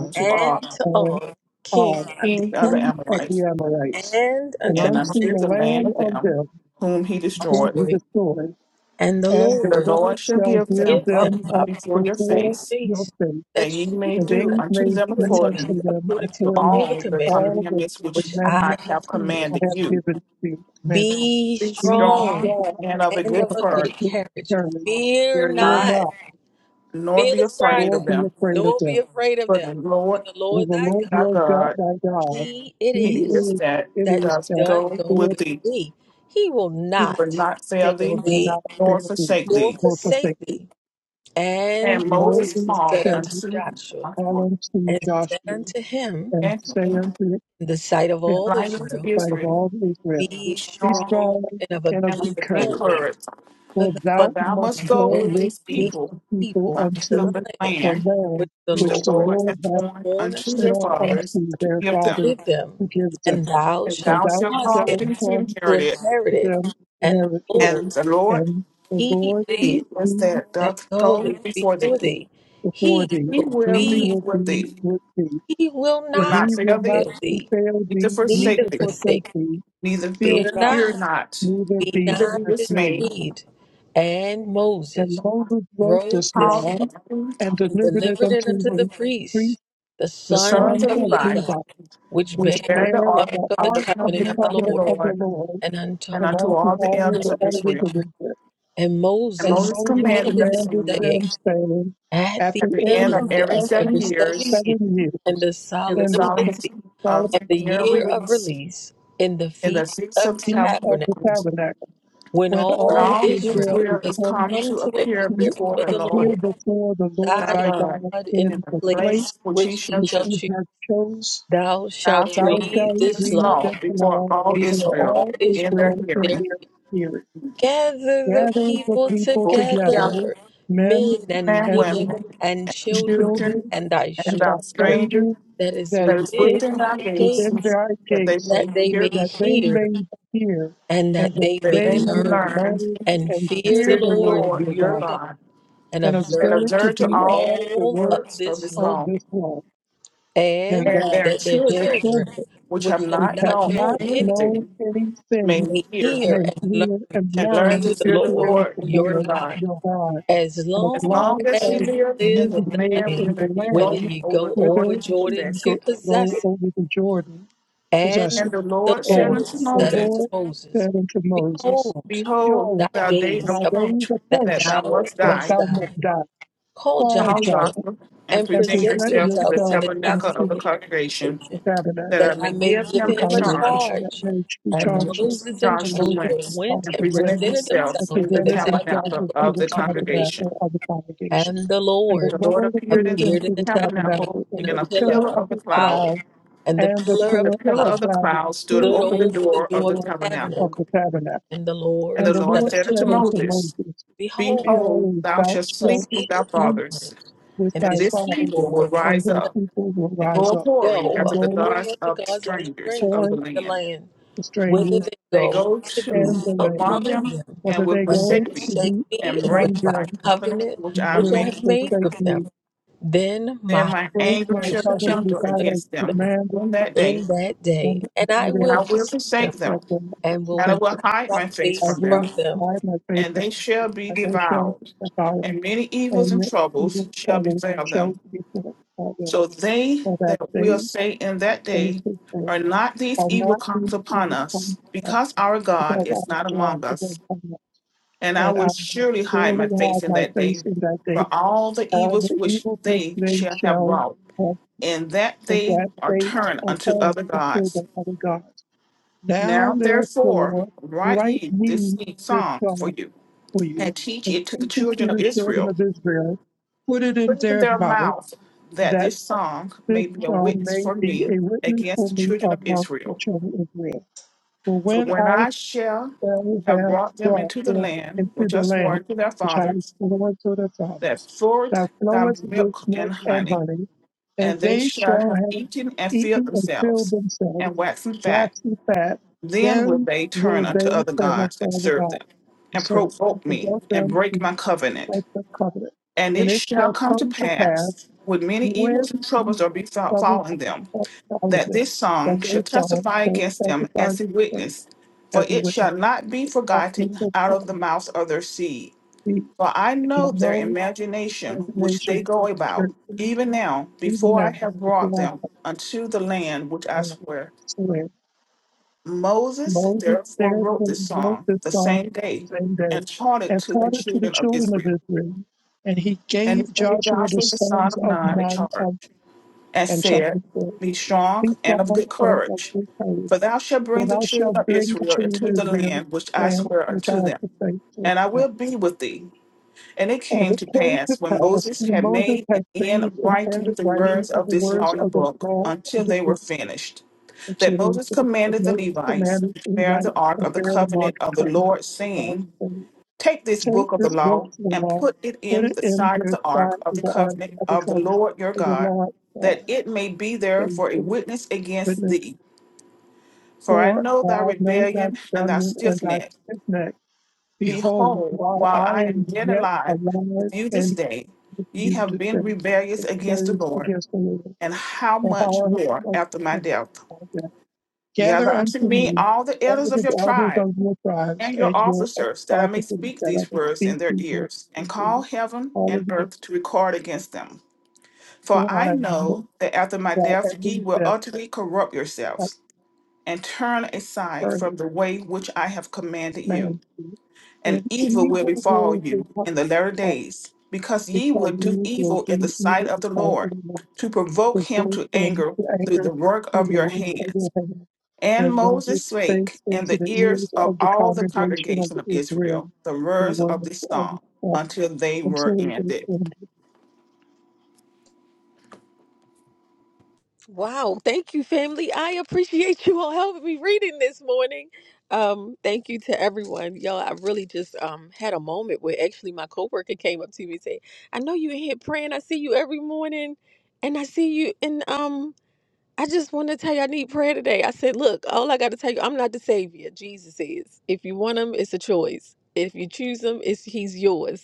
[SPEAKER 2] and to
[SPEAKER 1] and
[SPEAKER 2] all
[SPEAKER 1] to
[SPEAKER 3] and
[SPEAKER 1] Og, king
[SPEAKER 3] Og,
[SPEAKER 1] of the
[SPEAKER 2] kings of the
[SPEAKER 3] king of
[SPEAKER 1] Amorites,
[SPEAKER 3] the
[SPEAKER 2] Amorites,
[SPEAKER 3] Amorites,
[SPEAKER 1] and
[SPEAKER 3] and
[SPEAKER 1] unto
[SPEAKER 2] and
[SPEAKER 1] the
[SPEAKER 3] unto
[SPEAKER 2] unto
[SPEAKER 3] the
[SPEAKER 1] land
[SPEAKER 2] the land
[SPEAKER 3] land
[SPEAKER 2] of
[SPEAKER 3] of
[SPEAKER 2] them
[SPEAKER 3] them
[SPEAKER 2] whom he
[SPEAKER 1] of
[SPEAKER 3] whom
[SPEAKER 2] destroyed.
[SPEAKER 3] he
[SPEAKER 1] Ashuri,
[SPEAKER 3] destroyed,
[SPEAKER 1] and the
[SPEAKER 3] and
[SPEAKER 2] And the
[SPEAKER 3] the
[SPEAKER 1] Lord
[SPEAKER 3] Lord
[SPEAKER 2] Lord shall
[SPEAKER 3] shall
[SPEAKER 2] give
[SPEAKER 3] give
[SPEAKER 2] them
[SPEAKER 1] give
[SPEAKER 2] up
[SPEAKER 1] them
[SPEAKER 3] them up
[SPEAKER 1] up
[SPEAKER 2] before your
[SPEAKER 1] before
[SPEAKER 3] before
[SPEAKER 1] your
[SPEAKER 2] face,
[SPEAKER 3] your
[SPEAKER 1] face,
[SPEAKER 3] face,
[SPEAKER 1] that
[SPEAKER 2] that ye
[SPEAKER 1] you
[SPEAKER 2] may
[SPEAKER 3] and
[SPEAKER 1] do
[SPEAKER 3] they
[SPEAKER 2] do
[SPEAKER 1] not
[SPEAKER 2] unto
[SPEAKER 3] may
[SPEAKER 2] them
[SPEAKER 1] do
[SPEAKER 3] do
[SPEAKER 1] unto them
[SPEAKER 3] unto
[SPEAKER 2] according
[SPEAKER 3] them
[SPEAKER 1] according to
[SPEAKER 2] unto
[SPEAKER 3] according
[SPEAKER 1] all the
[SPEAKER 2] all the
[SPEAKER 1] commandments
[SPEAKER 3] all the
[SPEAKER 2] commandments
[SPEAKER 1] which
[SPEAKER 2] which
[SPEAKER 1] I
[SPEAKER 3] commandment
[SPEAKER 2] I
[SPEAKER 1] have
[SPEAKER 2] have
[SPEAKER 1] commanded
[SPEAKER 3] I
[SPEAKER 2] commanded
[SPEAKER 3] have
[SPEAKER 1] you.
[SPEAKER 2] you.
[SPEAKER 3] given thee, commanded you.
[SPEAKER 1] Be
[SPEAKER 2] Be
[SPEAKER 3] Be
[SPEAKER 2] strong
[SPEAKER 1] strong
[SPEAKER 3] strong
[SPEAKER 2] and of a
[SPEAKER 1] and
[SPEAKER 2] good
[SPEAKER 1] of
[SPEAKER 3] and
[SPEAKER 1] a
[SPEAKER 3] of
[SPEAKER 1] good
[SPEAKER 2] courage.
[SPEAKER 3] good
[SPEAKER 1] courage.
[SPEAKER 3] courage,
[SPEAKER 2] Fear
[SPEAKER 1] Fear
[SPEAKER 3] fear
[SPEAKER 2] not,
[SPEAKER 1] not.
[SPEAKER 3] not,
[SPEAKER 2] nor be
[SPEAKER 1] fearless
[SPEAKER 2] afraid
[SPEAKER 3] nor
[SPEAKER 2] of
[SPEAKER 1] Friday.
[SPEAKER 3] be
[SPEAKER 2] them.
[SPEAKER 3] afraid of
[SPEAKER 1] Nor
[SPEAKER 3] them.
[SPEAKER 1] be afraid of
[SPEAKER 2] For
[SPEAKER 1] them.
[SPEAKER 2] the
[SPEAKER 1] For
[SPEAKER 2] Lord
[SPEAKER 1] the
[SPEAKER 3] And
[SPEAKER 1] Lord
[SPEAKER 3] the
[SPEAKER 1] thy
[SPEAKER 3] Lord
[SPEAKER 2] thy
[SPEAKER 1] God.
[SPEAKER 3] your God,
[SPEAKER 2] God,
[SPEAKER 3] thy God,
[SPEAKER 1] he it
[SPEAKER 3] he
[SPEAKER 2] he
[SPEAKER 1] is
[SPEAKER 2] is
[SPEAKER 3] is
[SPEAKER 2] that
[SPEAKER 3] it
[SPEAKER 1] that
[SPEAKER 3] is
[SPEAKER 2] doth
[SPEAKER 3] that
[SPEAKER 1] doth
[SPEAKER 2] go
[SPEAKER 1] go
[SPEAKER 3] doeth
[SPEAKER 2] with
[SPEAKER 1] with
[SPEAKER 2] thee.
[SPEAKER 1] thee. He will
[SPEAKER 2] He will
[SPEAKER 1] not
[SPEAKER 2] not fail
[SPEAKER 1] fail
[SPEAKER 2] thee,
[SPEAKER 3] will
[SPEAKER 1] thee
[SPEAKER 3] not
[SPEAKER 2] nor
[SPEAKER 3] fail thee,
[SPEAKER 2] forsake
[SPEAKER 1] nor
[SPEAKER 2] thee.
[SPEAKER 3] nor
[SPEAKER 1] forsake
[SPEAKER 3] forsake thee.
[SPEAKER 1] thee. And
[SPEAKER 2] And
[SPEAKER 3] And
[SPEAKER 2] Moses
[SPEAKER 3] Moses
[SPEAKER 1] Moses said
[SPEAKER 2] called
[SPEAKER 3] said
[SPEAKER 1] unto
[SPEAKER 2] unto
[SPEAKER 1] Joshua,
[SPEAKER 2] Joshua
[SPEAKER 3] unto
[SPEAKER 1] and said
[SPEAKER 3] Joshua,
[SPEAKER 1] unto him
[SPEAKER 3] and
[SPEAKER 2] and to
[SPEAKER 3] say
[SPEAKER 2] him,
[SPEAKER 3] unto him,
[SPEAKER 1] in the sight of
[SPEAKER 3] in
[SPEAKER 1] all
[SPEAKER 2] light unto
[SPEAKER 1] Israel,
[SPEAKER 3] sight of
[SPEAKER 2] Israel,
[SPEAKER 3] all Israel,
[SPEAKER 2] be
[SPEAKER 1] Be
[SPEAKER 3] Be
[SPEAKER 1] strong
[SPEAKER 2] strong
[SPEAKER 3] strong
[SPEAKER 1] and of a
[SPEAKER 3] and of
[SPEAKER 2] and of
[SPEAKER 1] good
[SPEAKER 3] good
[SPEAKER 2] a good
[SPEAKER 3] courage,
[SPEAKER 1] courage,
[SPEAKER 2] courage.
[SPEAKER 1] for
[SPEAKER 3] for
[SPEAKER 1] thou
[SPEAKER 2] For
[SPEAKER 3] thou
[SPEAKER 2] thou
[SPEAKER 3] must
[SPEAKER 2] must go
[SPEAKER 3] go
[SPEAKER 1] goest
[SPEAKER 2] with
[SPEAKER 1] with
[SPEAKER 3] with
[SPEAKER 2] these
[SPEAKER 1] thee
[SPEAKER 3] this
[SPEAKER 2] people
[SPEAKER 3] people
[SPEAKER 1] people into
[SPEAKER 2] unto
[SPEAKER 1] the
[SPEAKER 3] unto
[SPEAKER 2] the
[SPEAKER 1] land
[SPEAKER 3] the
[SPEAKER 2] land
[SPEAKER 3] land
[SPEAKER 1] which the
[SPEAKER 2] which the
[SPEAKER 3] which the
[SPEAKER 1] Lord
[SPEAKER 2] Lord
[SPEAKER 3] Lord
[SPEAKER 2] hath
[SPEAKER 3] hath
[SPEAKER 2] sworn
[SPEAKER 1] sworn
[SPEAKER 2] unto
[SPEAKER 1] unto
[SPEAKER 2] their
[SPEAKER 3] sworn
[SPEAKER 1] thy fathers
[SPEAKER 2] fathers
[SPEAKER 3] unto
[SPEAKER 2] to
[SPEAKER 3] their
[SPEAKER 2] give
[SPEAKER 1] to
[SPEAKER 2] them.
[SPEAKER 3] fathers
[SPEAKER 1] give them,
[SPEAKER 3] to give
[SPEAKER 1] and
[SPEAKER 3] them.
[SPEAKER 1] thou
[SPEAKER 2] And
[SPEAKER 3] And
[SPEAKER 1] shalt
[SPEAKER 2] thou
[SPEAKER 3] thou
[SPEAKER 2] shalt
[SPEAKER 1] cause
[SPEAKER 2] cause
[SPEAKER 3] shalt
[SPEAKER 1] them
[SPEAKER 2] them to
[SPEAKER 3] come
[SPEAKER 1] to
[SPEAKER 2] inherit it.
[SPEAKER 1] inherit
[SPEAKER 3] To
[SPEAKER 1] it.
[SPEAKER 3] them the
[SPEAKER 1] And the
[SPEAKER 3] heritage,
[SPEAKER 1] Lord
[SPEAKER 2] And the Lord,
[SPEAKER 3] and the
[SPEAKER 1] He it
[SPEAKER 3] Lord
[SPEAKER 1] is
[SPEAKER 2] he was
[SPEAKER 3] he
[SPEAKER 2] that
[SPEAKER 1] that
[SPEAKER 2] doth
[SPEAKER 1] goes
[SPEAKER 2] go
[SPEAKER 3] is
[SPEAKER 2] before
[SPEAKER 1] before
[SPEAKER 2] thee.
[SPEAKER 1] thee.
[SPEAKER 3] before
[SPEAKER 1] He
[SPEAKER 3] thee.
[SPEAKER 2] He
[SPEAKER 1] will
[SPEAKER 3] He
[SPEAKER 2] will be
[SPEAKER 1] be
[SPEAKER 3] will
[SPEAKER 2] with
[SPEAKER 1] thee.
[SPEAKER 3] be
[SPEAKER 2] thee,
[SPEAKER 3] with thee,
[SPEAKER 1] He will
[SPEAKER 3] and
[SPEAKER 2] will
[SPEAKER 1] not
[SPEAKER 2] not
[SPEAKER 3] he will
[SPEAKER 2] fail
[SPEAKER 3] not
[SPEAKER 2] thee,
[SPEAKER 1] fail thee,
[SPEAKER 3] fail
[SPEAKER 2] neither
[SPEAKER 3] thee,
[SPEAKER 1] neither
[SPEAKER 2] forsake
[SPEAKER 3] neither
[SPEAKER 2] thee,
[SPEAKER 3] forsake
[SPEAKER 1] forsake
[SPEAKER 3] thee.
[SPEAKER 2] neither
[SPEAKER 3] Fear
[SPEAKER 1] thee. Fear
[SPEAKER 3] not,
[SPEAKER 2] fear
[SPEAKER 1] not,
[SPEAKER 2] not,
[SPEAKER 3] neither
[SPEAKER 1] be
[SPEAKER 3] be
[SPEAKER 2] neither
[SPEAKER 1] not
[SPEAKER 2] be
[SPEAKER 3] dismayed.
[SPEAKER 2] dismayed.
[SPEAKER 1] dismayed. And
[SPEAKER 3] And
[SPEAKER 1] Moses
[SPEAKER 3] Moses wrote
[SPEAKER 1] wrote
[SPEAKER 3] this
[SPEAKER 1] this
[SPEAKER 2] Call
[SPEAKER 3] law
[SPEAKER 1] song
[SPEAKER 2] unto
[SPEAKER 3] and
[SPEAKER 1] and
[SPEAKER 3] delivered it
[SPEAKER 1] delivered it
[SPEAKER 3] unto
[SPEAKER 1] unto the
[SPEAKER 3] the
[SPEAKER 1] priests,
[SPEAKER 3] priests,
[SPEAKER 1] the
[SPEAKER 3] the
[SPEAKER 2] the
[SPEAKER 1] son
[SPEAKER 2] sons
[SPEAKER 3] sons
[SPEAKER 2] of
[SPEAKER 1] of
[SPEAKER 3] of
[SPEAKER 2] Levi,
[SPEAKER 1] Levi,
[SPEAKER 3] Levi,
[SPEAKER 1] which
[SPEAKER 2] which
[SPEAKER 1] bare
[SPEAKER 3] which
[SPEAKER 1] the
[SPEAKER 2] bear the
[SPEAKER 3] bear
[SPEAKER 2] ark
[SPEAKER 1] ark
[SPEAKER 3] the
[SPEAKER 1] of the
[SPEAKER 2] of the
[SPEAKER 3] ark of the
[SPEAKER 1] covenant of
[SPEAKER 2] covenant of
[SPEAKER 1] the
[SPEAKER 2] the
[SPEAKER 3] covenant
[SPEAKER 1] Lord,
[SPEAKER 3] of the
[SPEAKER 2] Lord
[SPEAKER 3] Lord,
[SPEAKER 1] and unto all
[SPEAKER 2] and
[SPEAKER 3] and
[SPEAKER 2] unto
[SPEAKER 3] unto
[SPEAKER 2] all the
[SPEAKER 1] the
[SPEAKER 3] all
[SPEAKER 2] elders
[SPEAKER 3] the
[SPEAKER 2] of
[SPEAKER 1] elders of
[SPEAKER 3] elders of
[SPEAKER 2] Israel.
[SPEAKER 1] Israel.
[SPEAKER 3] Israel.
[SPEAKER 1] And
[SPEAKER 2] And
[SPEAKER 3] And
[SPEAKER 1] Moses
[SPEAKER 2] Moses
[SPEAKER 3] Moses
[SPEAKER 2] commanded
[SPEAKER 1] commanded
[SPEAKER 2] them,
[SPEAKER 1] them,
[SPEAKER 3] commanded
[SPEAKER 2] saying,
[SPEAKER 1] saying.
[SPEAKER 3] them, saying,
[SPEAKER 1] At
[SPEAKER 3] At
[SPEAKER 1] the
[SPEAKER 2] At
[SPEAKER 3] the
[SPEAKER 2] the
[SPEAKER 3] end
[SPEAKER 2] end of
[SPEAKER 3] of
[SPEAKER 1] end
[SPEAKER 2] every
[SPEAKER 1] of
[SPEAKER 2] seven
[SPEAKER 1] every
[SPEAKER 3] every
[SPEAKER 1] seven
[SPEAKER 2] years,
[SPEAKER 1] years,
[SPEAKER 3] seven
[SPEAKER 1] and
[SPEAKER 3] years,
[SPEAKER 1] the
[SPEAKER 2] in the
[SPEAKER 3] in the
[SPEAKER 2] solemn
[SPEAKER 3] t-
[SPEAKER 1] solemnity
[SPEAKER 2] of
[SPEAKER 3] solemn
[SPEAKER 1] of
[SPEAKER 2] the
[SPEAKER 1] the
[SPEAKER 2] year of
[SPEAKER 1] year of
[SPEAKER 2] release,
[SPEAKER 1] release, in the
[SPEAKER 2] in the
[SPEAKER 1] feast
[SPEAKER 2] feast
[SPEAKER 1] of
[SPEAKER 2] of
[SPEAKER 3] feast of
[SPEAKER 1] tabernacles,
[SPEAKER 3] the
[SPEAKER 2] tabernacles,
[SPEAKER 3] tabernacle,
[SPEAKER 1] when
[SPEAKER 3] when
[SPEAKER 2] when
[SPEAKER 1] all
[SPEAKER 3] all
[SPEAKER 2] all of
[SPEAKER 1] Israel
[SPEAKER 3] Israel is
[SPEAKER 2] Israel
[SPEAKER 1] is
[SPEAKER 2] is
[SPEAKER 3] come
[SPEAKER 2] come
[SPEAKER 1] come
[SPEAKER 2] to
[SPEAKER 1] to
[SPEAKER 2] appear
[SPEAKER 1] appear
[SPEAKER 3] to
[SPEAKER 2] before
[SPEAKER 1] before
[SPEAKER 2] the
[SPEAKER 1] the
[SPEAKER 2] Lord
[SPEAKER 3] appear
[SPEAKER 1] Lord
[SPEAKER 3] before the Lord
[SPEAKER 1] thy
[SPEAKER 2] thy
[SPEAKER 3] thy
[SPEAKER 2] God
[SPEAKER 3] God
[SPEAKER 1] God in the
[SPEAKER 2] in
[SPEAKER 3] in
[SPEAKER 2] the
[SPEAKER 3] the place
[SPEAKER 1] place
[SPEAKER 2] place which he
[SPEAKER 1] which he
[SPEAKER 2] shall
[SPEAKER 3] which
[SPEAKER 2] choose,
[SPEAKER 1] shall
[SPEAKER 3] he
[SPEAKER 1] choose,
[SPEAKER 3] hath chose,
[SPEAKER 1] thou shalt
[SPEAKER 2] thou
[SPEAKER 3] thou
[SPEAKER 2] shalt read
[SPEAKER 1] read
[SPEAKER 3] shalt
[SPEAKER 1] this
[SPEAKER 2] this
[SPEAKER 3] read
[SPEAKER 1] law
[SPEAKER 2] law
[SPEAKER 3] this
[SPEAKER 2] before
[SPEAKER 3] law
[SPEAKER 2] all
[SPEAKER 3] to
[SPEAKER 1] before
[SPEAKER 2] Israel
[SPEAKER 1] all
[SPEAKER 3] all
[SPEAKER 2] in
[SPEAKER 1] Israel
[SPEAKER 2] their
[SPEAKER 3] Israel
[SPEAKER 1] is
[SPEAKER 3] in
[SPEAKER 1] there.
[SPEAKER 2] hearing.
[SPEAKER 3] their hearing.
[SPEAKER 1] Gather the
[SPEAKER 3] Gather the
[SPEAKER 1] people
[SPEAKER 3] people
[SPEAKER 2] Both young
[SPEAKER 3] together,
[SPEAKER 1] together,
[SPEAKER 3] men
[SPEAKER 1] men
[SPEAKER 2] men
[SPEAKER 1] and
[SPEAKER 2] and
[SPEAKER 3] and
[SPEAKER 1] women
[SPEAKER 3] women,
[SPEAKER 2] women,
[SPEAKER 1] and
[SPEAKER 2] and
[SPEAKER 1] children,
[SPEAKER 2] children,
[SPEAKER 3] children,
[SPEAKER 1] and thy
[SPEAKER 3] and
[SPEAKER 2] and
[SPEAKER 3] thy
[SPEAKER 2] our
[SPEAKER 1] stranger.
[SPEAKER 2] strangers
[SPEAKER 3] strangers
[SPEAKER 1] that is
[SPEAKER 3] that
[SPEAKER 2] those
[SPEAKER 3] it
[SPEAKER 1] within
[SPEAKER 2] within our
[SPEAKER 1] thy
[SPEAKER 2] gates,
[SPEAKER 3] within
[SPEAKER 1] gates,
[SPEAKER 3] their
[SPEAKER 2] that they
[SPEAKER 3] gates
[SPEAKER 2] may
[SPEAKER 1] that they may
[SPEAKER 2] hear,
[SPEAKER 3] that they may
[SPEAKER 1] hear
[SPEAKER 3] hear
[SPEAKER 1] and that
[SPEAKER 3] and that
[SPEAKER 1] they may
[SPEAKER 2] that
[SPEAKER 3] they
[SPEAKER 2] they may
[SPEAKER 1] learn
[SPEAKER 3] may
[SPEAKER 2] learn
[SPEAKER 3] learn
[SPEAKER 1] and
[SPEAKER 3] and
[SPEAKER 2] and
[SPEAKER 1] fear
[SPEAKER 3] fear
[SPEAKER 1] the
[SPEAKER 2] fear
[SPEAKER 3] the
[SPEAKER 2] the
[SPEAKER 1] Lord
[SPEAKER 3] Lord
[SPEAKER 2] Lord
[SPEAKER 3] your
[SPEAKER 2] your
[SPEAKER 1] your
[SPEAKER 3] God
[SPEAKER 1] God
[SPEAKER 2] God,
[SPEAKER 1] and
[SPEAKER 3] and
[SPEAKER 2] and
[SPEAKER 3] observe
[SPEAKER 1] observe
[SPEAKER 3] to
[SPEAKER 1] to
[SPEAKER 2] observe to
[SPEAKER 3] do
[SPEAKER 1] do
[SPEAKER 2] all
[SPEAKER 3] all the
[SPEAKER 1] all
[SPEAKER 3] work
[SPEAKER 1] of
[SPEAKER 2] words of
[SPEAKER 1] this
[SPEAKER 2] this
[SPEAKER 3] of
[SPEAKER 1] law,
[SPEAKER 2] law.
[SPEAKER 3] this law, and
[SPEAKER 1] and
[SPEAKER 2] And
[SPEAKER 3] that
[SPEAKER 2] their
[SPEAKER 1] that their
[SPEAKER 3] their
[SPEAKER 2] children,
[SPEAKER 1] children,
[SPEAKER 3] children,
[SPEAKER 2] which have
[SPEAKER 1] which have
[SPEAKER 3] which
[SPEAKER 2] not
[SPEAKER 3] have
[SPEAKER 1] not
[SPEAKER 2] known
[SPEAKER 1] known
[SPEAKER 3] not
[SPEAKER 1] any,
[SPEAKER 3] known
[SPEAKER 2] anything,
[SPEAKER 3] any
[SPEAKER 2] may
[SPEAKER 3] sin,
[SPEAKER 1] may
[SPEAKER 2] hear
[SPEAKER 1] hear
[SPEAKER 3] may
[SPEAKER 1] and
[SPEAKER 3] fear
[SPEAKER 1] learn
[SPEAKER 3] and
[SPEAKER 1] to
[SPEAKER 2] and learn
[SPEAKER 3] learn
[SPEAKER 2] to
[SPEAKER 1] fear the
[SPEAKER 3] to
[SPEAKER 2] fear the
[SPEAKER 3] fear
[SPEAKER 1] Lord
[SPEAKER 3] the
[SPEAKER 2] Lord
[SPEAKER 1] your
[SPEAKER 2] your
[SPEAKER 3] Lord
[SPEAKER 1] God
[SPEAKER 2] God.
[SPEAKER 3] your God,
[SPEAKER 1] as
[SPEAKER 3] as
[SPEAKER 1] long
[SPEAKER 2] As
[SPEAKER 3] long
[SPEAKER 2] long as
[SPEAKER 1] as
[SPEAKER 2] ye
[SPEAKER 3] as
[SPEAKER 1] you
[SPEAKER 2] live in
[SPEAKER 3] you
[SPEAKER 1] live
[SPEAKER 2] the
[SPEAKER 1] in the
[SPEAKER 3] live
[SPEAKER 2] land
[SPEAKER 1] land,
[SPEAKER 3] in the
[SPEAKER 2] whither ye
[SPEAKER 1] whether
[SPEAKER 3] land
[SPEAKER 2] go
[SPEAKER 1] you go
[SPEAKER 2] over
[SPEAKER 3] whither
[SPEAKER 1] over
[SPEAKER 2] Jordan to
[SPEAKER 1] Jordan
[SPEAKER 3] you
[SPEAKER 2] possess
[SPEAKER 1] to
[SPEAKER 3] go,
[SPEAKER 2] it.
[SPEAKER 1] possess it
[SPEAKER 3] go over the Jordan. possess it.
[SPEAKER 2] And
[SPEAKER 1] And
[SPEAKER 2] the
[SPEAKER 1] the
[SPEAKER 2] Lord said
[SPEAKER 3] And
[SPEAKER 1] Lord
[SPEAKER 2] unto
[SPEAKER 3] the
[SPEAKER 1] said unto
[SPEAKER 2] Moses,
[SPEAKER 3] Lord
[SPEAKER 1] Moses,
[SPEAKER 3] said unto Moses,
[SPEAKER 1] Behold,
[SPEAKER 2] Behold,
[SPEAKER 3] Behold,
[SPEAKER 1] thy
[SPEAKER 2] thy day
[SPEAKER 3] thy
[SPEAKER 1] days have
[SPEAKER 3] days
[SPEAKER 2] approach
[SPEAKER 1] that
[SPEAKER 2] that
[SPEAKER 3] approach
[SPEAKER 2] thou
[SPEAKER 1] thou
[SPEAKER 2] must
[SPEAKER 3] that
[SPEAKER 1] must
[SPEAKER 2] die
[SPEAKER 3] thou must
[SPEAKER 1] die.
[SPEAKER 3] die.
[SPEAKER 1] Call
[SPEAKER 3] Call
[SPEAKER 2] all
[SPEAKER 3] Joshua
[SPEAKER 1] Joshua
[SPEAKER 2] gospel, and
[SPEAKER 1] and
[SPEAKER 3] and
[SPEAKER 2] present
[SPEAKER 1] present
[SPEAKER 3] present
[SPEAKER 2] yourself to the
[SPEAKER 1] yourselves to
[SPEAKER 3] yourselves
[SPEAKER 1] the
[SPEAKER 2] tabernacle
[SPEAKER 1] tabernacle
[SPEAKER 2] of the
[SPEAKER 3] into
[SPEAKER 1] of
[SPEAKER 2] congregation,
[SPEAKER 3] the
[SPEAKER 1] meeting,
[SPEAKER 2] that
[SPEAKER 3] tabernacle,
[SPEAKER 2] I
[SPEAKER 1] that I
[SPEAKER 2] may
[SPEAKER 1] may
[SPEAKER 2] give
[SPEAKER 1] give
[SPEAKER 3] the
[SPEAKER 2] him in
[SPEAKER 1] him a
[SPEAKER 3] congregation,
[SPEAKER 2] charge.
[SPEAKER 3] and that
[SPEAKER 1] charge.
[SPEAKER 3] they be
[SPEAKER 2] And
[SPEAKER 1] And
[SPEAKER 3] charged.
[SPEAKER 2] Moses and
[SPEAKER 1] Moses and
[SPEAKER 3] And
[SPEAKER 2] Joshua
[SPEAKER 3] Moses and
[SPEAKER 1] Joshua
[SPEAKER 2] went
[SPEAKER 1] went
[SPEAKER 2] and
[SPEAKER 3] Joshua
[SPEAKER 1] and
[SPEAKER 3] went
[SPEAKER 2] presented
[SPEAKER 1] presented
[SPEAKER 3] and
[SPEAKER 2] themselves
[SPEAKER 1] themselves
[SPEAKER 2] in
[SPEAKER 1] in
[SPEAKER 2] the
[SPEAKER 1] the
[SPEAKER 3] presented themselves
[SPEAKER 2] tabernacle
[SPEAKER 1] tabernacle of
[SPEAKER 3] into
[SPEAKER 2] of
[SPEAKER 1] the
[SPEAKER 3] the
[SPEAKER 2] the
[SPEAKER 1] congregation.
[SPEAKER 2] congregation.
[SPEAKER 3] tabernacle of the congregation.
[SPEAKER 1] And the
[SPEAKER 3] And the
[SPEAKER 1] Lord
[SPEAKER 2] The Lord
[SPEAKER 3] Lord
[SPEAKER 2] appeared in
[SPEAKER 3] appeared
[SPEAKER 2] the
[SPEAKER 1] appeared in
[SPEAKER 3] unto
[SPEAKER 1] the
[SPEAKER 3] the
[SPEAKER 1] tabernacle
[SPEAKER 2] tabernacle
[SPEAKER 3] tabernacle
[SPEAKER 1] in
[SPEAKER 3] in
[SPEAKER 1] a
[SPEAKER 2] in
[SPEAKER 3] a
[SPEAKER 2] a
[SPEAKER 1] pillar
[SPEAKER 3] pillar
[SPEAKER 1] of
[SPEAKER 2] pillar
[SPEAKER 3] of
[SPEAKER 2] of a
[SPEAKER 3] the
[SPEAKER 2] cloud.
[SPEAKER 1] cloud,
[SPEAKER 3] cloud,
[SPEAKER 1] and the
[SPEAKER 3] and the
[SPEAKER 1] pillar of
[SPEAKER 2] The
[SPEAKER 3] pillar
[SPEAKER 1] the
[SPEAKER 3] of
[SPEAKER 2] pillar
[SPEAKER 3] the
[SPEAKER 2] of
[SPEAKER 1] cloud
[SPEAKER 2] the
[SPEAKER 3] cloud
[SPEAKER 2] cloud stood
[SPEAKER 3] stood
[SPEAKER 1] stood
[SPEAKER 2] over the
[SPEAKER 3] over
[SPEAKER 1] over the
[SPEAKER 3] the
[SPEAKER 2] door of
[SPEAKER 1] door
[SPEAKER 2] the
[SPEAKER 1] of
[SPEAKER 3] door
[SPEAKER 1] the tabernacle
[SPEAKER 3] of
[SPEAKER 2] tabernacle.
[SPEAKER 3] the tabernacle.
[SPEAKER 1] And the
[SPEAKER 2] And
[SPEAKER 1] Lord
[SPEAKER 3] And
[SPEAKER 2] the
[SPEAKER 3] the
[SPEAKER 2] Lord
[SPEAKER 1] said
[SPEAKER 3] Lord
[SPEAKER 2] said
[SPEAKER 1] unto
[SPEAKER 2] unto
[SPEAKER 3] said
[SPEAKER 1] Moses,
[SPEAKER 3] unto
[SPEAKER 2] Moses,
[SPEAKER 3] Moses,
[SPEAKER 1] Behold,
[SPEAKER 2] Behold,
[SPEAKER 3] Behold,
[SPEAKER 2] thou
[SPEAKER 3] thou
[SPEAKER 2] shalt
[SPEAKER 1] thou shalt
[SPEAKER 3] shalt
[SPEAKER 2] sleep with
[SPEAKER 1] sleep
[SPEAKER 2] thy
[SPEAKER 1] with thy
[SPEAKER 3] sleep
[SPEAKER 1] fathers,
[SPEAKER 2] fathers,
[SPEAKER 3] with
[SPEAKER 1] and
[SPEAKER 2] and
[SPEAKER 3] thy
[SPEAKER 1] this
[SPEAKER 2] this
[SPEAKER 3] fathers,
[SPEAKER 1] people
[SPEAKER 2] people will
[SPEAKER 1] will rise
[SPEAKER 3] and
[SPEAKER 2] rise
[SPEAKER 3] their
[SPEAKER 2] up
[SPEAKER 3] people will
[SPEAKER 2] and go
[SPEAKER 3] rise
[SPEAKER 1] and
[SPEAKER 2] a
[SPEAKER 3] up
[SPEAKER 2] whoring
[SPEAKER 1] go,
[SPEAKER 3] and
[SPEAKER 2] after
[SPEAKER 1] a
[SPEAKER 2] the
[SPEAKER 3] go
[SPEAKER 2] gods
[SPEAKER 1] the
[SPEAKER 2] of
[SPEAKER 1] gods of the
[SPEAKER 2] strangers
[SPEAKER 1] strangers
[SPEAKER 2] of the
[SPEAKER 3] forth
[SPEAKER 1] of the
[SPEAKER 2] land.
[SPEAKER 1] land,
[SPEAKER 3] the
[SPEAKER 1] whither
[SPEAKER 3] strangers
[SPEAKER 1] they
[SPEAKER 2] They
[SPEAKER 1] go
[SPEAKER 2] go
[SPEAKER 1] to
[SPEAKER 2] to
[SPEAKER 3] and
[SPEAKER 1] be
[SPEAKER 3] the land.
[SPEAKER 2] among
[SPEAKER 1] among
[SPEAKER 2] them
[SPEAKER 1] them,
[SPEAKER 2] and
[SPEAKER 3] Whether
[SPEAKER 2] will
[SPEAKER 3] they
[SPEAKER 1] and will
[SPEAKER 3] go
[SPEAKER 2] forsake me
[SPEAKER 3] to
[SPEAKER 1] forsake
[SPEAKER 3] be
[SPEAKER 1] me
[SPEAKER 2] and
[SPEAKER 1] and
[SPEAKER 2] break
[SPEAKER 3] among
[SPEAKER 1] break my
[SPEAKER 3] them,
[SPEAKER 2] my covenant
[SPEAKER 1] covenant
[SPEAKER 2] which
[SPEAKER 3] and
[SPEAKER 2] I
[SPEAKER 1] which
[SPEAKER 2] have
[SPEAKER 1] I
[SPEAKER 3] will
[SPEAKER 2] made
[SPEAKER 1] have made
[SPEAKER 2] with
[SPEAKER 3] forsake
[SPEAKER 2] them.
[SPEAKER 1] with them.
[SPEAKER 3] me.
[SPEAKER 1] Then
[SPEAKER 2] Then
[SPEAKER 1] my
[SPEAKER 2] my
[SPEAKER 3] Break
[SPEAKER 2] anger
[SPEAKER 3] my
[SPEAKER 1] anger
[SPEAKER 2] shall be
[SPEAKER 1] shall be
[SPEAKER 3] covenant which
[SPEAKER 1] kindled
[SPEAKER 2] kindled
[SPEAKER 3] I
[SPEAKER 2] against
[SPEAKER 3] have
[SPEAKER 2] them
[SPEAKER 3] commanded
[SPEAKER 2] on that
[SPEAKER 3] thee,
[SPEAKER 2] day,
[SPEAKER 1] in that
[SPEAKER 3] and
[SPEAKER 1] day, and
[SPEAKER 3] they
[SPEAKER 1] I
[SPEAKER 3] will
[SPEAKER 2] and
[SPEAKER 1] will
[SPEAKER 2] I will
[SPEAKER 3] forsake
[SPEAKER 1] forsake them,
[SPEAKER 2] forsake them,
[SPEAKER 3] them.
[SPEAKER 1] and will
[SPEAKER 2] and I
[SPEAKER 1] hide
[SPEAKER 2] will hide
[SPEAKER 1] my
[SPEAKER 2] my face
[SPEAKER 3] I
[SPEAKER 1] face
[SPEAKER 2] from
[SPEAKER 1] from
[SPEAKER 2] them,
[SPEAKER 3] will
[SPEAKER 1] them
[SPEAKER 3] hide my face
[SPEAKER 2] and
[SPEAKER 3] on
[SPEAKER 2] they shall
[SPEAKER 3] them,
[SPEAKER 2] be
[SPEAKER 3] and they shall
[SPEAKER 2] devoured,
[SPEAKER 3] devour,
[SPEAKER 2] and many evils
[SPEAKER 3] and
[SPEAKER 2] and
[SPEAKER 3] the evil
[SPEAKER 2] troubles shall
[SPEAKER 3] fellow
[SPEAKER 2] befall them
[SPEAKER 3] shall be put
[SPEAKER 2] So they
[SPEAKER 3] that I
[SPEAKER 2] that
[SPEAKER 3] praise,
[SPEAKER 2] will say in that
[SPEAKER 3] praise
[SPEAKER 2] day,
[SPEAKER 3] his name.
[SPEAKER 2] Are not these evil
[SPEAKER 3] not these
[SPEAKER 2] comes upon
[SPEAKER 3] evil things
[SPEAKER 2] us?
[SPEAKER 3] uh,
[SPEAKER 2] Because our God
[SPEAKER 3] because I
[SPEAKER 2] is
[SPEAKER 3] am
[SPEAKER 2] not
[SPEAKER 3] strong
[SPEAKER 2] among us.
[SPEAKER 3] against them.
[SPEAKER 2] And I
[SPEAKER 3] And I
[SPEAKER 2] will
[SPEAKER 3] will
[SPEAKER 2] surely hide my
[SPEAKER 3] surely hide
[SPEAKER 2] face in that
[SPEAKER 3] my face
[SPEAKER 2] day
[SPEAKER 3] in that
[SPEAKER 2] for
[SPEAKER 3] day.
[SPEAKER 2] all the
[SPEAKER 3] All
[SPEAKER 2] evils
[SPEAKER 3] the
[SPEAKER 2] which
[SPEAKER 3] evil which
[SPEAKER 2] they
[SPEAKER 3] they
[SPEAKER 2] shall have
[SPEAKER 3] shall
[SPEAKER 2] wrought,
[SPEAKER 3] have
[SPEAKER 2] and that
[SPEAKER 3] in
[SPEAKER 2] they
[SPEAKER 3] that
[SPEAKER 2] are
[SPEAKER 3] day
[SPEAKER 2] turned unto
[SPEAKER 3] occur
[SPEAKER 2] other
[SPEAKER 3] until
[SPEAKER 2] gods.
[SPEAKER 3] the other gods. Now
[SPEAKER 2] Now therefore,
[SPEAKER 3] therefore
[SPEAKER 2] write
[SPEAKER 3] write
[SPEAKER 2] ye this
[SPEAKER 3] ye
[SPEAKER 2] sweet
[SPEAKER 3] this
[SPEAKER 2] song for
[SPEAKER 3] song
[SPEAKER 2] you,
[SPEAKER 3] for you,
[SPEAKER 2] and teach
[SPEAKER 3] and
[SPEAKER 2] it to the
[SPEAKER 3] teach it to
[SPEAKER 2] children of
[SPEAKER 3] the children
[SPEAKER 2] Israel.
[SPEAKER 3] of Israel, put it in
[SPEAKER 2] put it in
[SPEAKER 3] their
[SPEAKER 2] their
[SPEAKER 3] mouth,
[SPEAKER 2] mouth that
[SPEAKER 3] that
[SPEAKER 2] this song
[SPEAKER 3] this
[SPEAKER 2] may be a
[SPEAKER 3] song
[SPEAKER 2] witness
[SPEAKER 3] may
[SPEAKER 2] for
[SPEAKER 3] be a
[SPEAKER 2] me
[SPEAKER 3] witness
[SPEAKER 2] against
[SPEAKER 3] for
[SPEAKER 2] the
[SPEAKER 3] me
[SPEAKER 2] children of
[SPEAKER 3] among the
[SPEAKER 2] Israel.
[SPEAKER 3] children of Israel. For
[SPEAKER 2] For
[SPEAKER 3] when
[SPEAKER 2] when
[SPEAKER 3] I
[SPEAKER 2] I shall
[SPEAKER 3] shall
[SPEAKER 2] have
[SPEAKER 3] have
[SPEAKER 2] brought them
[SPEAKER 3] brought
[SPEAKER 2] into the
[SPEAKER 3] them
[SPEAKER 2] land
[SPEAKER 3] into
[SPEAKER 2] which
[SPEAKER 3] the
[SPEAKER 2] I
[SPEAKER 3] land
[SPEAKER 2] swore to their
[SPEAKER 3] which I
[SPEAKER 2] fathers,
[SPEAKER 3] swore to their
[SPEAKER 2] that
[SPEAKER 3] fathers, thou
[SPEAKER 2] forth thy
[SPEAKER 3] flowest with
[SPEAKER 2] milk
[SPEAKER 3] milk
[SPEAKER 2] and
[SPEAKER 3] and
[SPEAKER 2] honey,
[SPEAKER 3] honey, and
[SPEAKER 2] and they
[SPEAKER 3] they
[SPEAKER 2] shall
[SPEAKER 3] shall
[SPEAKER 2] have
[SPEAKER 3] have
[SPEAKER 2] eaten and filled
[SPEAKER 3] eaten and filled
[SPEAKER 2] themselves,
[SPEAKER 3] themselves,
[SPEAKER 2] and waxen fat,
[SPEAKER 3] waxen fat,
[SPEAKER 2] then will
[SPEAKER 3] then
[SPEAKER 2] they turn
[SPEAKER 3] will
[SPEAKER 2] unto
[SPEAKER 3] they
[SPEAKER 2] other
[SPEAKER 3] turn
[SPEAKER 2] gods and
[SPEAKER 3] unto other
[SPEAKER 2] serve
[SPEAKER 3] gods
[SPEAKER 2] them,
[SPEAKER 3] to
[SPEAKER 2] and
[SPEAKER 3] serve them,
[SPEAKER 2] provoke
[SPEAKER 3] to
[SPEAKER 2] me,
[SPEAKER 3] go
[SPEAKER 2] and
[SPEAKER 3] them to
[SPEAKER 2] break
[SPEAKER 3] the
[SPEAKER 2] my covenant.
[SPEAKER 3] place of covenant.
[SPEAKER 2] And
[SPEAKER 3] And
[SPEAKER 2] it
[SPEAKER 3] it
[SPEAKER 2] shall
[SPEAKER 3] shall
[SPEAKER 2] come to
[SPEAKER 3] come to pass
[SPEAKER 2] pass, when many
[SPEAKER 3] when
[SPEAKER 2] evils and
[SPEAKER 3] these
[SPEAKER 2] troubles are
[SPEAKER 3] troubles
[SPEAKER 2] befallen them,
[SPEAKER 3] shall follow
[SPEAKER 2] that
[SPEAKER 3] them,
[SPEAKER 2] this
[SPEAKER 3] that
[SPEAKER 2] song
[SPEAKER 3] they
[SPEAKER 2] shall
[SPEAKER 3] shall
[SPEAKER 2] testify
[SPEAKER 3] take
[SPEAKER 2] against them
[SPEAKER 3] sacrifice
[SPEAKER 2] as a witness,
[SPEAKER 3] as
[SPEAKER 2] for
[SPEAKER 3] a
[SPEAKER 2] it
[SPEAKER 3] witness
[SPEAKER 2] shall not be
[SPEAKER 3] our
[SPEAKER 2] forgotten
[SPEAKER 3] people
[SPEAKER 2] out of the
[SPEAKER 3] from
[SPEAKER 2] mouth of their seed.
[SPEAKER 3] the
[SPEAKER 2] For I know their
[SPEAKER 3] known
[SPEAKER 2] imagination which they
[SPEAKER 3] imagination,
[SPEAKER 2] go
[SPEAKER 3] church
[SPEAKER 2] about, even now,
[SPEAKER 3] even
[SPEAKER 2] before
[SPEAKER 3] now
[SPEAKER 2] I have brought
[SPEAKER 3] before
[SPEAKER 2] them
[SPEAKER 3] I
[SPEAKER 2] unto the land which I swear.
[SPEAKER 3] so when
[SPEAKER 2] Moses
[SPEAKER 3] Moses
[SPEAKER 2] therefore wrote
[SPEAKER 3] therefore
[SPEAKER 2] this
[SPEAKER 3] wrote
[SPEAKER 2] song
[SPEAKER 3] this
[SPEAKER 2] the
[SPEAKER 3] song
[SPEAKER 2] same
[SPEAKER 3] the
[SPEAKER 2] day
[SPEAKER 3] same day
[SPEAKER 2] and taught it
[SPEAKER 3] and
[SPEAKER 2] to the
[SPEAKER 3] taught it to the
[SPEAKER 2] children of
[SPEAKER 3] children of
[SPEAKER 2] Israel.
[SPEAKER 3] Israel. And he
[SPEAKER 2] And he
[SPEAKER 3] gave
[SPEAKER 2] gave
[SPEAKER 3] Joshua the
[SPEAKER 2] Joshua the son
[SPEAKER 3] sons
[SPEAKER 2] of
[SPEAKER 3] of
[SPEAKER 2] Nun a
[SPEAKER 3] Nun
[SPEAKER 2] charge
[SPEAKER 3] of
[SPEAKER 2] and
[SPEAKER 3] and
[SPEAKER 2] said,
[SPEAKER 3] chapter four.
[SPEAKER 2] Be strong
[SPEAKER 3] He
[SPEAKER 2] and of
[SPEAKER 3] sang
[SPEAKER 2] good
[SPEAKER 3] and of
[SPEAKER 2] courage,
[SPEAKER 3] this time,
[SPEAKER 2] for thou shalt
[SPEAKER 3] For
[SPEAKER 2] bring the
[SPEAKER 3] thou
[SPEAKER 2] children
[SPEAKER 3] shalt
[SPEAKER 2] of
[SPEAKER 3] bring the
[SPEAKER 2] Israel
[SPEAKER 3] children
[SPEAKER 2] into
[SPEAKER 3] of
[SPEAKER 2] the
[SPEAKER 3] Israel
[SPEAKER 2] land which I
[SPEAKER 3] land
[SPEAKER 2] swear
[SPEAKER 3] which
[SPEAKER 2] unto
[SPEAKER 3] I have to
[SPEAKER 2] them,
[SPEAKER 3] say to
[SPEAKER 2] and I
[SPEAKER 3] them.
[SPEAKER 2] will be with thee. And it
[SPEAKER 3] And
[SPEAKER 2] came
[SPEAKER 3] it
[SPEAKER 2] to
[SPEAKER 3] came to
[SPEAKER 2] pass when
[SPEAKER 3] pass
[SPEAKER 2] Moses
[SPEAKER 3] when
[SPEAKER 2] had
[SPEAKER 3] Moses
[SPEAKER 2] made an
[SPEAKER 3] had
[SPEAKER 2] end
[SPEAKER 3] made
[SPEAKER 2] of
[SPEAKER 3] and end
[SPEAKER 2] writing the
[SPEAKER 3] writing
[SPEAKER 2] words
[SPEAKER 3] of
[SPEAKER 2] of
[SPEAKER 3] the
[SPEAKER 2] this law
[SPEAKER 3] words
[SPEAKER 2] in a
[SPEAKER 3] of the
[SPEAKER 2] book
[SPEAKER 3] law of
[SPEAKER 2] until
[SPEAKER 3] the
[SPEAKER 2] they were
[SPEAKER 3] book
[SPEAKER 2] finished, that
[SPEAKER 3] concerning
[SPEAKER 2] Moses
[SPEAKER 3] the
[SPEAKER 2] commanded the
[SPEAKER 3] most
[SPEAKER 2] Levites
[SPEAKER 3] commanded
[SPEAKER 2] to
[SPEAKER 3] in
[SPEAKER 2] bear the
[SPEAKER 3] light
[SPEAKER 2] ark of
[SPEAKER 3] and
[SPEAKER 2] the
[SPEAKER 3] bear the mark
[SPEAKER 2] covenant of the
[SPEAKER 3] of covenant
[SPEAKER 2] Lord,
[SPEAKER 3] of the Lord.
[SPEAKER 2] saying,
[SPEAKER 3] And
[SPEAKER 2] Take this
[SPEAKER 3] take
[SPEAKER 2] book of the
[SPEAKER 3] this book
[SPEAKER 2] law
[SPEAKER 3] of the
[SPEAKER 2] and
[SPEAKER 3] law,
[SPEAKER 2] put it
[SPEAKER 3] put
[SPEAKER 2] in
[SPEAKER 3] it
[SPEAKER 2] the
[SPEAKER 3] in
[SPEAKER 2] side of
[SPEAKER 3] their
[SPEAKER 2] the ark
[SPEAKER 3] side
[SPEAKER 2] of
[SPEAKER 3] of
[SPEAKER 2] the
[SPEAKER 3] the ark
[SPEAKER 2] covenant
[SPEAKER 3] of the
[SPEAKER 2] of the
[SPEAKER 3] covenant
[SPEAKER 2] Lord your
[SPEAKER 3] of the
[SPEAKER 2] God,
[SPEAKER 3] law.
[SPEAKER 2] that
[SPEAKER 3] Uh,
[SPEAKER 2] it may be there
[SPEAKER 3] and
[SPEAKER 2] for a
[SPEAKER 3] bear
[SPEAKER 2] witness against
[SPEAKER 3] witness,
[SPEAKER 2] thee. For I
[SPEAKER 3] for
[SPEAKER 2] know thy
[SPEAKER 3] I know thy
[SPEAKER 2] rebellion and thy
[SPEAKER 3] rebellion and
[SPEAKER 2] stiff
[SPEAKER 3] thy
[SPEAKER 2] neck.
[SPEAKER 3] stiff Behold,
[SPEAKER 2] Behold,
[SPEAKER 3] while
[SPEAKER 2] while
[SPEAKER 3] I
[SPEAKER 2] I
[SPEAKER 3] am
[SPEAKER 2] am yet
[SPEAKER 3] yet
[SPEAKER 2] alive
[SPEAKER 3] alive,
[SPEAKER 2] with you
[SPEAKER 3] and
[SPEAKER 2] this day,
[SPEAKER 3] with
[SPEAKER 2] ye
[SPEAKER 3] you to
[SPEAKER 2] have been
[SPEAKER 3] sin
[SPEAKER 2] rebellious against
[SPEAKER 3] that
[SPEAKER 2] the
[SPEAKER 3] is
[SPEAKER 2] Lord,
[SPEAKER 3] against the Lord.
[SPEAKER 2] and how
[SPEAKER 3] And
[SPEAKER 2] much
[SPEAKER 3] however,
[SPEAKER 2] more
[SPEAKER 3] like,
[SPEAKER 2] after my
[SPEAKER 3] um,
[SPEAKER 2] death.
[SPEAKER 3] like that.
[SPEAKER 2] Gather
[SPEAKER 3] gather unto
[SPEAKER 2] unto me
[SPEAKER 3] me
[SPEAKER 2] all the
[SPEAKER 3] all
[SPEAKER 2] elders of your
[SPEAKER 3] the elders
[SPEAKER 2] tribe
[SPEAKER 3] of your tribes
[SPEAKER 2] and your
[SPEAKER 3] and your
[SPEAKER 2] officers, that I may
[SPEAKER 3] officers
[SPEAKER 2] speak
[SPEAKER 3] that I
[SPEAKER 2] these
[SPEAKER 3] may
[SPEAKER 2] words in
[SPEAKER 3] speak
[SPEAKER 2] their
[SPEAKER 3] these words
[SPEAKER 2] ears,
[SPEAKER 3] to
[SPEAKER 2] and call
[SPEAKER 3] you.
[SPEAKER 2] heaven
[SPEAKER 3] All of
[SPEAKER 2] and
[SPEAKER 3] them,
[SPEAKER 2] earth to record against them. For I
[SPEAKER 3] for I know
[SPEAKER 2] know that after my
[SPEAKER 3] that
[SPEAKER 2] death ye
[SPEAKER 3] every
[SPEAKER 2] will
[SPEAKER 3] death
[SPEAKER 2] utterly corrupt
[SPEAKER 3] I
[SPEAKER 2] yourselves, and turn aside
[SPEAKER 3] furnace
[SPEAKER 2] from the way which I have commanded you,
[SPEAKER 3] man to,
[SPEAKER 2] and
[SPEAKER 3] and
[SPEAKER 2] evil will
[SPEAKER 3] evil
[SPEAKER 2] befall
[SPEAKER 3] will
[SPEAKER 2] you
[SPEAKER 3] become
[SPEAKER 2] in the latter
[SPEAKER 3] that
[SPEAKER 2] days, because ye
[SPEAKER 3] because
[SPEAKER 2] will do
[SPEAKER 3] you will
[SPEAKER 2] evil in the
[SPEAKER 3] do
[SPEAKER 2] sight
[SPEAKER 3] evil
[SPEAKER 2] of the
[SPEAKER 3] because it
[SPEAKER 2] Lord,
[SPEAKER 3] will not
[SPEAKER 2] to provoke him
[SPEAKER 3] provoke
[SPEAKER 2] to
[SPEAKER 3] them
[SPEAKER 2] anger through the
[SPEAKER 3] anger
[SPEAKER 2] work
[SPEAKER 3] in
[SPEAKER 2] of
[SPEAKER 3] the
[SPEAKER 2] your
[SPEAKER 3] works of
[SPEAKER 2] hands.
[SPEAKER 3] your hand.
[SPEAKER 2] And
[SPEAKER 3] and was
[SPEAKER 2] Moses
[SPEAKER 3] faithful
[SPEAKER 2] spake in
[SPEAKER 3] into
[SPEAKER 2] the
[SPEAKER 3] the ears
[SPEAKER 2] ears of
[SPEAKER 3] of the
[SPEAKER 2] all the
[SPEAKER 3] congregation of
[SPEAKER 2] congregation of
[SPEAKER 3] Israel,
[SPEAKER 2] Israel the
[SPEAKER 3] the
[SPEAKER 2] words
[SPEAKER 3] words
[SPEAKER 2] of
[SPEAKER 3] of
[SPEAKER 2] this
[SPEAKER 3] the
[SPEAKER 2] song
[SPEAKER 3] prophet,
[SPEAKER 2] until they were
[SPEAKER 3] until the
[SPEAKER 2] ended.
[SPEAKER 3] end
[SPEAKER 1] Wow, thank you, family. I appreciate you all helping me reading this morning. Um, thank you to everyone. Y'all, I really just um had a moment where actually my coworker came up to me and said, I know you in here praying, I see you every morning, and I see you and um I just want to tell you I need prayer today. I said, Look, all I gotta tell you, I'm not the savior. Jesus is. If you want him, it's a choice. If you choose him, it's he's yours.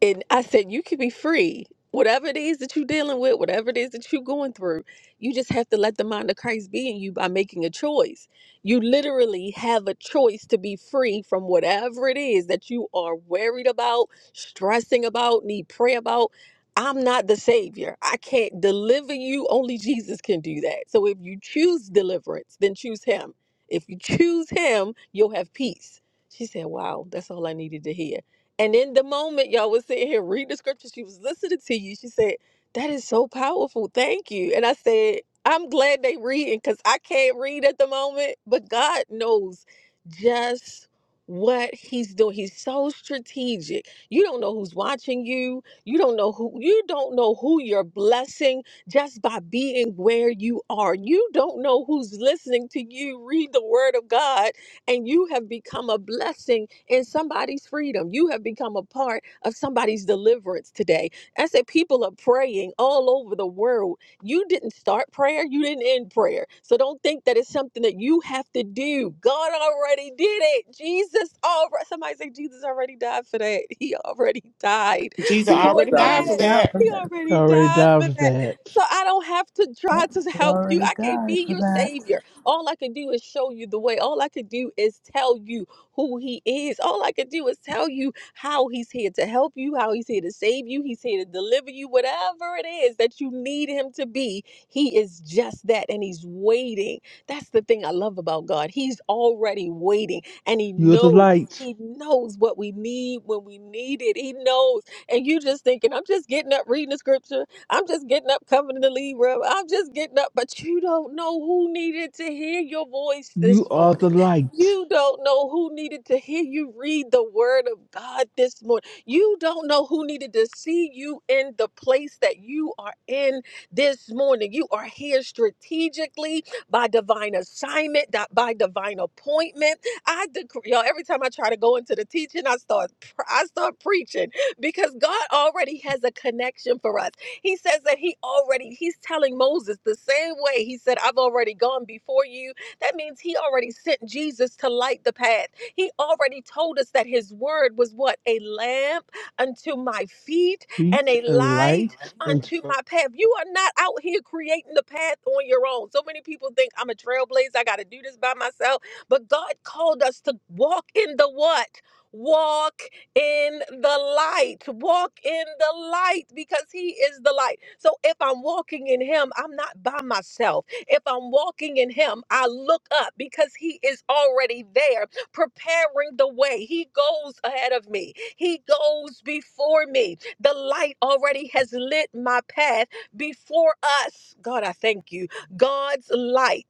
[SPEAKER 1] And I said, you can be free. Whatever it is that you're dealing with, whatever it is that you're going through, you just have to let the mind of Christ be in you by making a choice. You literally have a choice to be free from whatever it is that you are worried about, stressing about, need prayer about. I'm not the Savior. I can't deliver you. Only Jesus can do that. So if you choose deliverance, then choose Him. If you choose Him, you'll have peace. She said, Wow, that's all I needed to hear. And in the moment y'all was sitting here reading the scripture, she was listening to you. She said, That is so powerful. Thank you. And I said, I'm glad they reading because I can't read at the moment, but God knows just what he's doing. He's so strategic. You don't know who's watching you. You don't know who you don't know who you're blessing just by being where you are. You don't know who's listening to you read the word of God and you have become a blessing in somebody's freedom. You have become a part of somebody's deliverance today. I said, people are praying all over the world. You didn't start prayer, you didn't end prayer. So don't think that it's something that you have to do. God already did it. Jesus already, somebody say, Jesus already died for that. He already died
[SPEAKER 2] Jesus
[SPEAKER 6] You
[SPEAKER 1] for
[SPEAKER 2] already died
[SPEAKER 6] already
[SPEAKER 1] that.
[SPEAKER 2] for
[SPEAKER 6] died
[SPEAKER 2] that.
[SPEAKER 6] for
[SPEAKER 1] He
[SPEAKER 6] that.
[SPEAKER 9] I
[SPEAKER 1] already
[SPEAKER 9] already
[SPEAKER 1] died for
[SPEAKER 9] doubted
[SPEAKER 1] that.
[SPEAKER 9] that.
[SPEAKER 1] So I don't have to try
[SPEAKER 6] Yep,
[SPEAKER 1] to
[SPEAKER 6] you
[SPEAKER 1] help you.
[SPEAKER 6] already
[SPEAKER 1] I can't
[SPEAKER 6] died
[SPEAKER 1] be
[SPEAKER 6] for
[SPEAKER 1] your
[SPEAKER 6] that.
[SPEAKER 1] savior. All I can do is show you the way. All I can do is tell you who He is. All I can do is tell you how He's here to help you, how He's here to save you, He's here to deliver you, whatever it is that you need Him to be. He is just that, and He's waiting. That's the thing I love about God. He's already waiting, and He
[SPEAKER 9] You're the
[SPEAKER 1] knows.
[SPEAKER 9] light.
[SPEAKER 1] He knows what we need when we need it. He knows. And you just thinking, I'm just getting up reading the scripture. I'm just getting up, coming in the lead room. I'm just getting up, but you don't know who needed to hear your voice
[SPEAKER 9] You
[SPEAKER 1] this
[SPEAKER 9] are
[SPEAKER 1] morning.
[SPEAKER 9] the light.
[SPEAKER 1] You don't know who needed to hear you read the word of God this morning. You don't know who needed to see you in the place that you are in this morning. You are here strategically by divine assignment, di- by divine appointment. I decree, y'all, every time I try to go into the teaching, I start, pr- I start preaching because God already has a connection for us. He says that he already, he's telling Moses the same way he said, I've already gone before you. That means he already sent Jesus to light the path. He already told us that his word was what? A lamp unto my feet and
[SPEAKER 9] Preach
[SPEAKER 1] a
[SPEAKER 9] and
[SPEAKER 1] light
[SPEAKER 9] light unto
[SPEAKER 1] unto my path. You are not out here creating the path on your own. So many people think I'm a trailblazer. I got to do this by myself. But God called us to walk in the what? Walk in the light. Walk in the light because He is the light. So if I'm walking in Him, I'm not by myself. If I'm walking in Him, I look up because He is already there, preparing the way. He goes ahead of me, He goes before me. The light already has lit my path before us. God, I thank you. God's light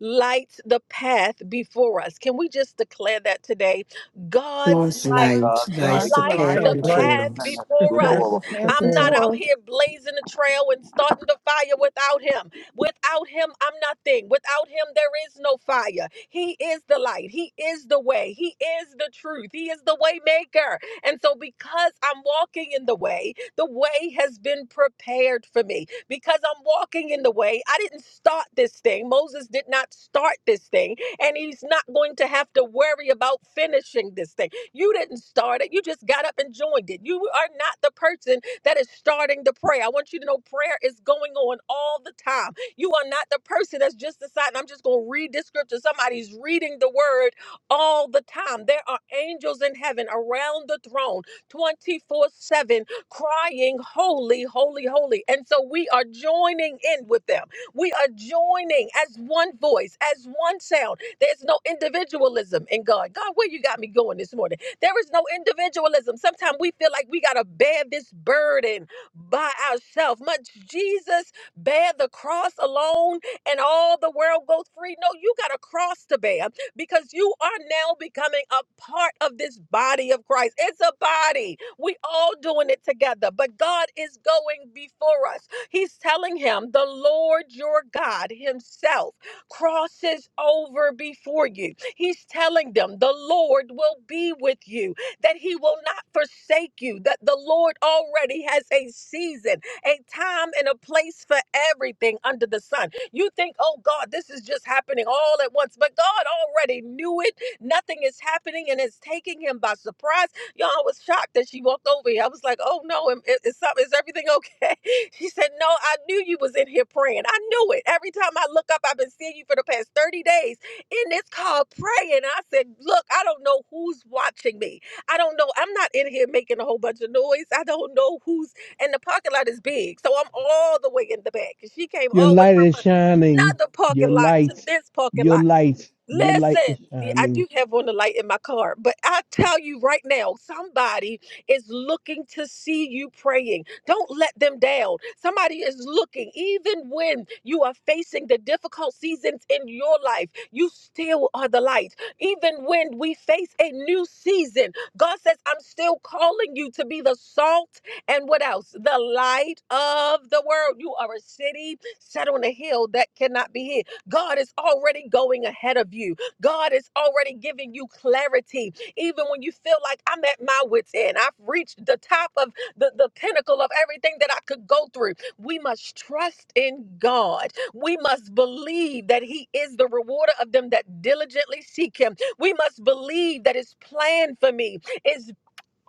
[SPEAKER 1] lights the path before us. Can we just declare that today? God's
[SPEAKER 4] Lord's
[SPEAKER 1] light.
[SPEAKER 7] God,
[SPEAKER 4] light lights
[SPEAKER 7] like,
[SPEAKER 2] God's
[SPEAKER 4] the
[SPEAKER 1] Light
[SPEAKER 4] path
[SPEAKER 7] like,
[SPEAKER 2] life,
[SPEAKER 1] the
[SPEAKER 3] of
[SPEAKER 7] like
[SPEAKER 3] right
[SPEAKER 7] the
[SPEAKER 4] before
[SPEAKER 1] path
[SPEAKER 4] us.
[SPEAKER 7] past
[SPEAKER 1] before
[SPEAKER 3] prepared
[SPEAKER 2] light
[SPEAKER 1] us.
[SPEAKER 2] the
[SPEAKER 7] before.
[SPEAKER 2] path
[SPEAKER 1] I'm
[SPEAKER 3] before
[SPEAKER 1] not
[SPEAKER 3] us,
[SPEAKER 2] before
[SPEAKER 1] out
[SPEAKER 2] us.
[SPEAKER 1] here blazing the trail and starting the fire without him. Without him, I'm nothing. Without him, there is no fire. He is the light. He is the way. He is the truth. He is the way maker. And so, because I'm walking in the way, the way has been prepared for me. Because I'm walking in the way, I didn't start this thing. Moses did not start this thing, and he's not going to have to worry about finishing this thing you didn't start it. You just got up and joined it. You are not the person that is starting the prayer. I want you to know prayer is going on all the time. You are not the person that's just deciding, I'm just going to read this scripture. Somebody's reading the word all the time. There are angels in heaven around the throne 24 7 crying, Holy, holy, holy. And so we are joining in with them. We are joining as one voice, as one sound. There's no individualism in God. God, where you got me going this morning? There is no individualism. Sometimes we feel like we got to bear this burden by ourselves. Much Jesus bear the cross alone and all the world goes free. No, you got a cross to bear because you are now becoming a part of this body of Christ. It's a body. We all doing it together, but God is going before us. He's telling him, the Lord your God himself crosses over before you. He's telling them the Lord will be with you, that He will not forsake you, that the Lord already has a season, a time, and a place for everything under the sun. You think, oh God, this is just happening all at once, but God already knew it. Nothing is happening and it's taking Him by surprise. Y'all, I was shocked that she walked over here. I was like, oh no, am- is, is, some- is everything okay? She said, no, I knew you was in here praying. I knew it. Every time I look up, I've been seeing you for the past 30 days and it's called praying. I said, Look, I don't know who's watching me. I don't know. I'm not in here making a whole bunch of noise. I don't know who's, and the parking lot is big. So I'm all the way in the back. And she came
[SPEAKER 9] your
[SPEAKER 1] all the way
[SPEAKER 9] light
[SPEAKER 1] from
[SPEAKER 9] is shining.
[SPEAKER 1] another
[SPEAKER 9] Your
[SPEAKER 1] parking lot to
[SPEAKER 9] light,
[SPEAKER 1] this parking
[SPEAKER 9] your
[SPEAKER 1] lot.
[SPEAKER 9] light, your light is
[SPEAKER 1] Listen, yeah, I
[SPEAKER 9] shining.
[SPEAKER 1] do have on the light in my car, but I tell you right now, somebody is looking to see you praying. Don't let them down. Somebody is looking, even when you are facing the difficult seasons in your life, you still are the light. Even when we face a new season, God says, I'm still calling you to be the salt and what else? The light of the world. You are a city set on a hill that cannot be hid. God is already going ahead of you. God is already giving you clarity. Even when you feel like I'm at my wits' end, I've reached the top of the, the pinnacle of everything that I could go through. We must trust in God. We must believe that He is the rewarder of them that diligently seek Him. We must believe that His plan for me is.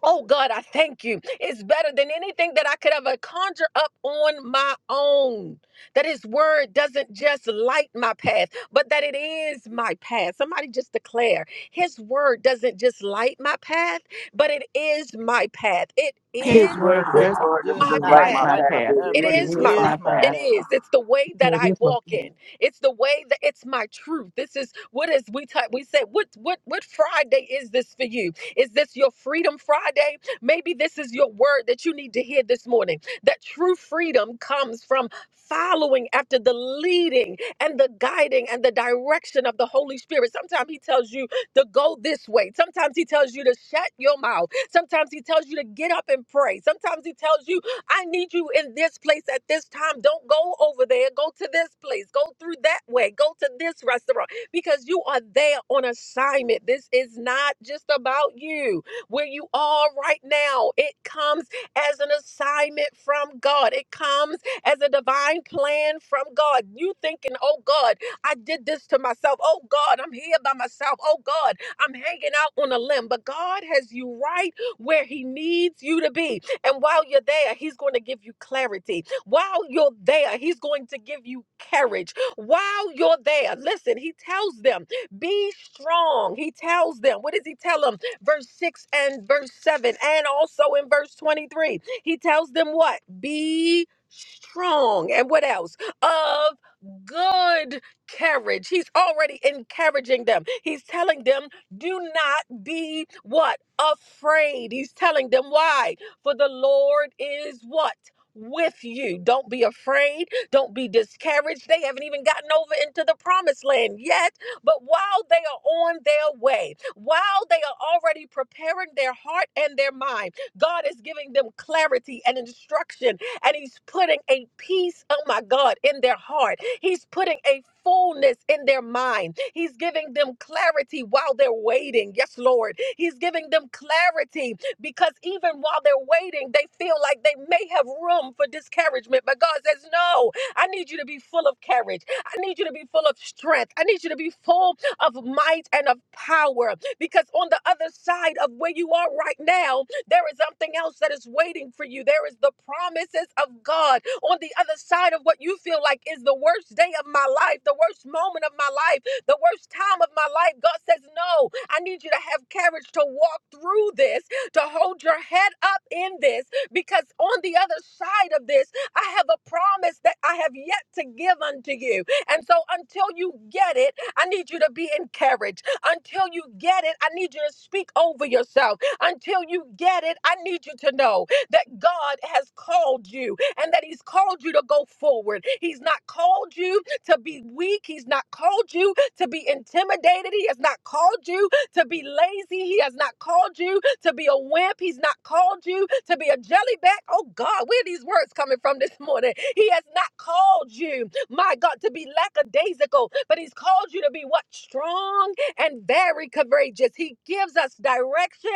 [SPEAKER 1] Oh God, I thank you. It's better than anything that I could ever conjure up on my own. That His word doesn't just light my path, but that it is my path. Somebody just declare His word doesn't just light my path, but it is my path. It
[SPEAKER 2] His
[SPEAKER 8] His
[SPEAKER 1] is
[SPEAKER 8] word
[SPEAKER 2] word
[SPEAKER 7] This
[SPEAKER 8] does
[SPEAKER 2] just
[SPEAKER 7] word isn't
[SPEAKER 8] just
[SPEAKER 1] my
[SPEAKER 7] just
[SPEAKER 8] not
[SPEAKER 7] like
[SPEAKER 2] like
[SPEAKER 7] my
[SPEAKER 1] path.
[SPEAKER 2] my
[SPEAKER 8] like my
[SPEAKER 7] past;
[SPEAKER 2] path.
[SPEAKER 7] it
[SPEAKER 8] path,
[SPEAKER 1] It
[SPEAKER 8] but
[SPEAKER 7] is
[SPEAKER 2] It
[SPEAKER 8] it
[SPEAKER 1] is my
[SPEAKER 2] is
[SPEAKER 7] my
[SPEAKER 8] is
[SPEAKER 2] my
[SPEAKER 1] path.
[SPEAKER 8] my
[SPEAKER 1] It
[SPEAKER 7] past.
[SPEAKER 2] path.
[SPEAKER 8] path.
[SPEAKER 1] is. It's the way that
[SPEAKER 3] before it
[SPEAKER 1] I
[SPEAKER 3] is my
[SPEAKER 1] walk
[SPEAKER 3] time.
[SPEAKER 1] in. It's the way that it's my truth. This is what is we t- we said what what what Friday is this for you? Is this your freedom Friday? Maybe this is your word that you need to hear this morning. That true freedom comes from following after the leading and the guiding and the direction of the Holy Spirit. Sometimes he tells you to go this way. Sometimes he tells you to shut your mouth. Sometimes he tells you to get up and pray. Sometimes he tells you I need you in this place at this time. Don't go over there. Go to this place. Go through that way. Go to this restaurant because you are there on assignment. This is not just about you. Where you are right now, it comes as an assignment from God, it comes as a divine plan from God. You thinking, oh God, I did this to myself. Oh God, I'm here by myself. Oh God, I'm hanging out on a limb. But God has you right where He needs you to be. And while you're there, He's going to give you clarity. While you're there, He's going to give you courage. While you're there, listen, He tells them, be strong. He tells them, what does He tell them? Verse 6 and verse 7, and also in verse 23, He tells them what? Be strong. And what else? Of good courage. He's already encouraging them. He's telling them, do not be what? Afraid. He's telling them why? For the Lord is what? With you. Don't be afraid. Don't be discouraged. They haven't even gotten over into the promised land yet. But while they are on their way, while they are already preparing their heart and their mind, God is giving them clarity and instruction and he's putting a peace, oh my God, in their heart. He's putting a fullness in their mind. He's giving them clarity while they're waiting. Yes, Lord. He's giving them clarity because even while they're waiting, they feel like they may have room for discouragement. But God says, No, I need you to be full of courage. I need you to be full of strength. I need you to be full of might and of power because on the other side of where you are right now, there is something else that is waiting for you. There is the promises of God. On the other side of what you feel like is the worst day of my life, the worst moment of my life, the worst time of my life, God says, No, I need you to have courage to walk through this to hold your head up in this because on the other side of this, I have a promise that I have yet to give unto you. And so until you get it, I need you to be encouraged. Until you get it, I need you to speak over yourself. Until you get it, I need you to know that God has called you and that He's called you to go forward. He's not called you to be weak. He's not called you to be intimidated. He has not called you to be lazy. He has not called you to be a wimp. He's not called you to be a jellyback. Oh God, where are these words coming from this morning? He has not called you, my God, to be lackadaisical, but he's called you to be what? Strong and very courageous. He gives us direction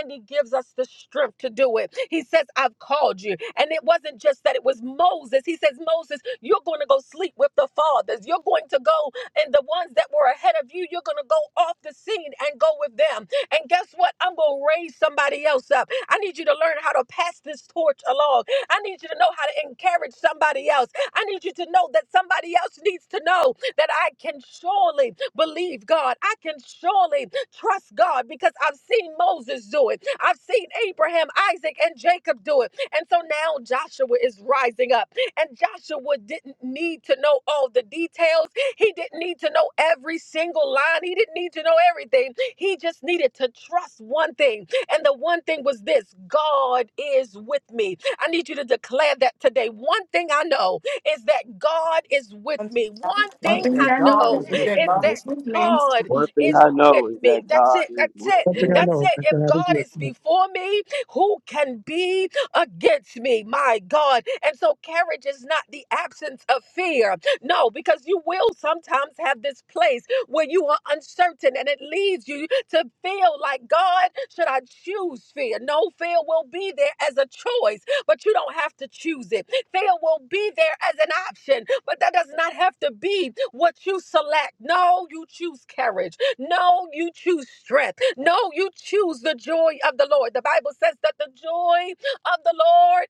[SPEAKER 1] and he gives us the strength to do it. He says, I've called you. And it wasn't just that it was Moses. He says, Moses, you're going to go sleep with the fathers. You're going to go and the ones that were ahead of you, you're going to go off the scene and go with them. And guess what? I'm going to raise somebody else up. I need you to learn how to pass this torch along. I need you to know how to encourage somebody else. I need you to know that somebody else needs to know that I can surely believe God. I can surely trust God because I've seen Moses do it. I've seen Abraham, Isaac, and Jacob do it. And so now Joshua is rising up. And Joshua didn't need to know all the details. He didn't need to know every single line. He didn't need to know everything. He just needed to trust one thing. And the one thing was this God is with me. I need you to declare that today. One thing I know is that God is with
[SPEAKER 4] And she
[SPEAKER 1] me. One
[SPEAKER 2] One
[SPEAKER 1] thing
[SPEAKER 2] thing
[SPEAKER 1] I
[SPEAKER 4] said,
[SPEAKER 2] I
[SPEAKER 4] God is
[SPEAKER 1] know
[SPEAKER 2] know is
[SPEAKER 4] with
[SPEAKER 2] that
[SPEAKER 1] is
[SPEAKER 2] God
[SPEAKER 4] me.
[SPEAKER 1] that.
[SPEAKER 2] is with me.
[SPEAKER 1] God
[SPEAKER 7] One thing
[SPEAKER 1] is
[SPEAKER 7] I
[SPEAKER 1] with
[SPEAKER 7] know is that
[SPEAKER 1] me. That's
[SPEAKER 7] God
[SPEAKER 1] it.
[SPEAKER 7] is
[SPEAKER 1] That's
[SPEAKER 7] with
[SPEAKER 1] it.
[SPEAKER 3] One thing I
[SPEAKER 7] me.
[SPEAKER 1] That's
[SPEAKER 3] know
[SPEAKER 1] it.
[SPEAKER 3] is that
[SPEAKER 1] If
[SPEAKER 3] I
[SPEAKER 1] God
[SPEAKER 3] do
[SPEAKER 1] is
[SPEAKER 3] it.
[SPEAKER 1] before me, who can be against me? My God. And so courage is not the absence of fear. No, because you will sometimes have this place when you are uncertain and it leads you to feel like, God, should I choose fear? No, fear will be there as a choice, but you don't have to choose it. Fear will be there as an option, but that does not have to be what you select. No, you choose courage. No, you choose strength. No, you choose the joy of the Lord. The Bible says that the joy of the Lord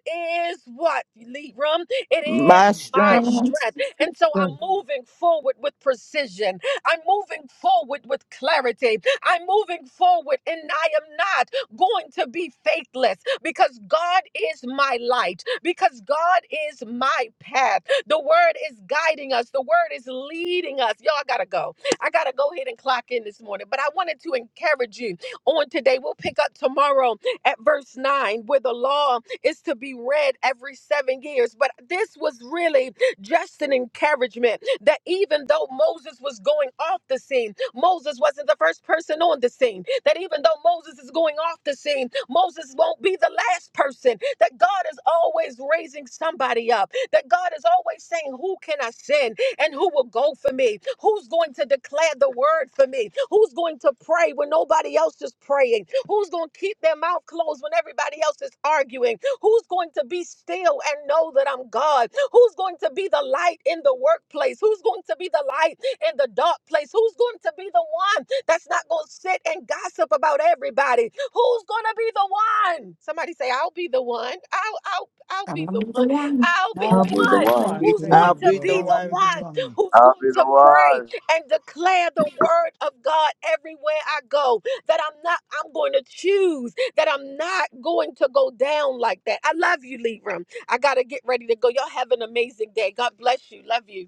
[SPEAKER 1] is what, Libram? It is
[SPEAKER 8] My
[SPEAKER 1] my
[SPEAKER 8] strength.
[SPEAKER 2] Friends,
[SPEAKER 1] strength. And so
[SPEAKER 3] Right.
[SPEAKER 1] I'm moving forward with precision. I'm moving forward with clarity. I'm moving forward and I am not going to be faithless because God is my light, because God is my path. The word is guiding us, the word is leading us. Y'all I gotta go. I gotta go ahead and clock in this morning, but I wanted to encourage you on today. We'll pick up tomorrow at verse 9 where the law is to be read every seven years. But this was really just an encouragement that even though Moses was going off the scene, Moses wasn't the first person on the scene. That even though Moses is going off the scene, Moses won't be the last person. That God is always raising somebody up. That God is always saying, Who can I send? And who will go for me? Who's going to declare the word for me? Who's going to pray when nobody else is praying? Who's going to keep their mouth closed when everybody else is arguing? Who's going to be still and know that I'm God? Who's going to be the light in the workplace? Who's going to be the light in the dark place? Who's going to be the one that's not going to sit and gossip about everybody? Who's going to be the one? Somebody say, I'll be the one. I'll, I'll, I'll
[SPEAKER 2] I'm
[SPEAKER 1] be
[SPEAKER 2] gonna
[SPEAKER 1] the
[SPEAKER 2] be the
[SPEAKER 1] one.
[SPEAKER 2] one.
[SPEAKER 1] I'll be
[SPEAKER 4] I'll
[SPEAKER 1] the
[SPEAKER 6] I'll
[SPEAKER 4] be
[SPEAKER 6] be the
[SPEAKER 1] one.
[SPEAKER 4] the
[SPEAKER 3] The
[SPEAKER 4] one.
[SPEAKER 6] one.
[SPEAKER 3] lead
[SPEAKER 1] Who's
[SPEAKER 3] room.
[SPEAKER 1] going
[SPEAKER 8] I'll
[SPEAKER 4] Strengthen me,
[SPEAKER 1] to
[SPEAKER 8] be
[SPEAKER 4] Lord.
[SPEAKER 8] the
[SPEAKER 1] be
[SPEAKER 4] I'll
[SPEAKER 1] the
[SPEAKER 4] be
[SPEAKER 8] one.
[SPEAKER 1] one
[SPEAKER 4] the one.
[SPEAKER 1] who's
[SPEAKER 7] I'll
[SPEAKER 1] going
[SPEAKER 7] be the
[SPEAKER 1] to pray
[SPEAKER 7] one.
[SPEAKER 1] and declare the word of God everywhere I go? That I'm not, I'm going to choose that I'm not going to go down like that. I love you, Libra. I gotta get ready to go. Y'all have an amazing day. God bless you. Love you.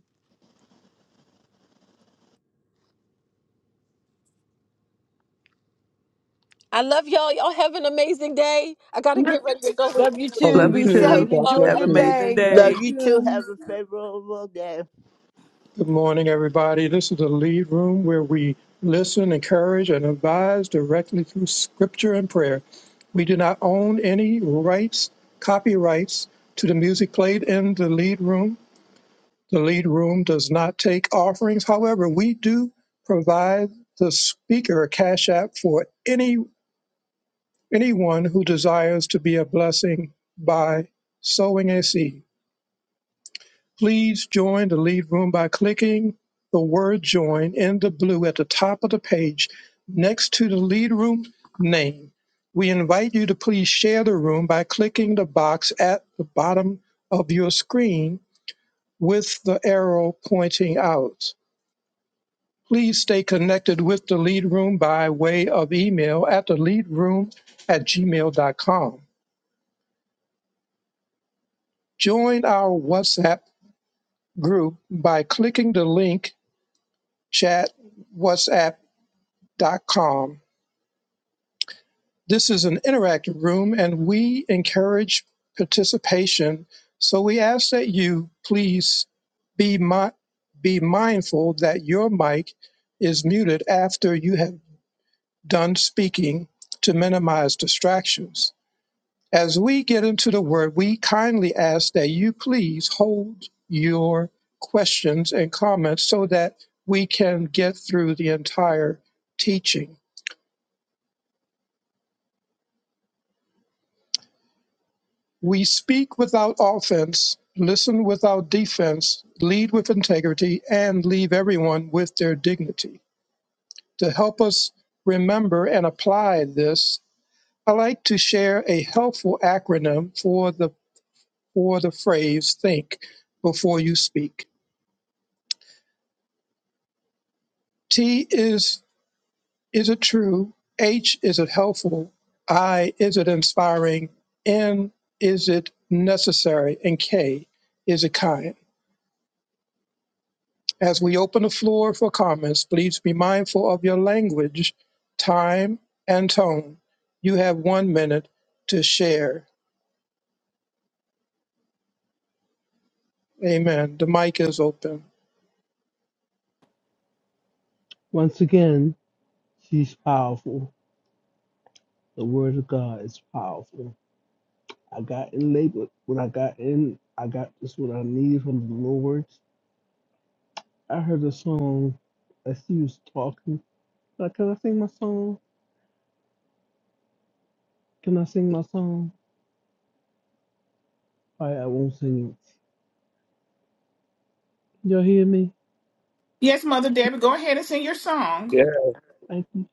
[SPEAKER 1] I love y'all. Y'all have an amazing day. I gotta
[SPEAKER 2] Look
[SPEAKER 1] get ready
[SPEAKER 2] at
[SPEAKER 1] to
[SPEAKER 2] you.
[SPEAKER 1] go in the
[SPEAKER 4] Love you
[SPEAKER 1] building.
[SPEAKER 4] too.
[SPEAKER 3] Holy
[SPEAKER 6] Love you
[SPEAKER 4] Be
[SPEAKER 1] Love
[SPEAKER 3] two.
[SPEAKER 6] too.
[SPEAKER 4] safe.
[SPEAKER 3] God
[SPEAKER 1] y'all.
[SPEAKER 4] Enjoy
[SPEAKER 3] bless
[SPEAKER 6] Have
[SPEAKER 1] Have
[SPEAKER 4] your
[SPEAKER 6] an
[SPEAKER 1] a
[SPEAKER 3] you.
[SPEAKER 1] good day.
[SPEAKER 6] amazing
[SPEAKER 4] day.
[SPEAKER 10] Love you
[SPEAKER 8] Love
[SPEAKER 6] day.
[SPEAKER 8] you too.
[SPEAKER 10] too.
[SPEAKER 8] Have a favorable day.
[SPEAKER 3] Good morning, everybody. This is the lead room where we listen, encourage, and advise directly through scripture and prayer. We do not own any rights, copyrights to the music played in the lead room. The lead room does not take offerings. However, we do provide the speaker a cash app for any anyone who desires to be a blessing by sowing a seed. Please join the lead room by clicking the word join in the blue at the top of the page next to the lead room name. We invite you to please share the room by clicking the box at the bottom of your screen with the arrow pointing out. Please stay connected with the lead room by way of email at the lead room at gmail.com. Join our WhatsApp group by clicking the link chatwhatsapp.com. This is an interactive room and we encourage participation. So we ask that you please be, mi- be mindful that your mic is muted after you have done speaking to minimize distractions. As we get into the word, we kindly ask that you please hold your questions and comments so that we can get through the entire teaching. We speak without offense, listen without defense, lead with integrity, and leave everyone with their dignity. To help us remember and apply this, I like to share a helpful acronym for the for the phrase think before you speak. T is Is it true? H, is it helpful? I, is it inspiring? N, is it necessary? And K, is it kind? As we open the floor for comments, please be mindful of your language, time, and tone. You have one minute to share. Amen. The mic is open.
[SPEAKER 9] Once again, she's powerful. The word of God is powerful. I got in labor when I got in. I got this what I needed from the Lord. I heard a song as she was talking. Like, can I sing my song? Can I sing my song? All right, I won't sing it. you hear me?
[SPEAKER 2] Yes, Mother Debbie, go ahead and sing your song.
[SPEAKER 7] Yeah.
[SPEAKER 9] Thank you.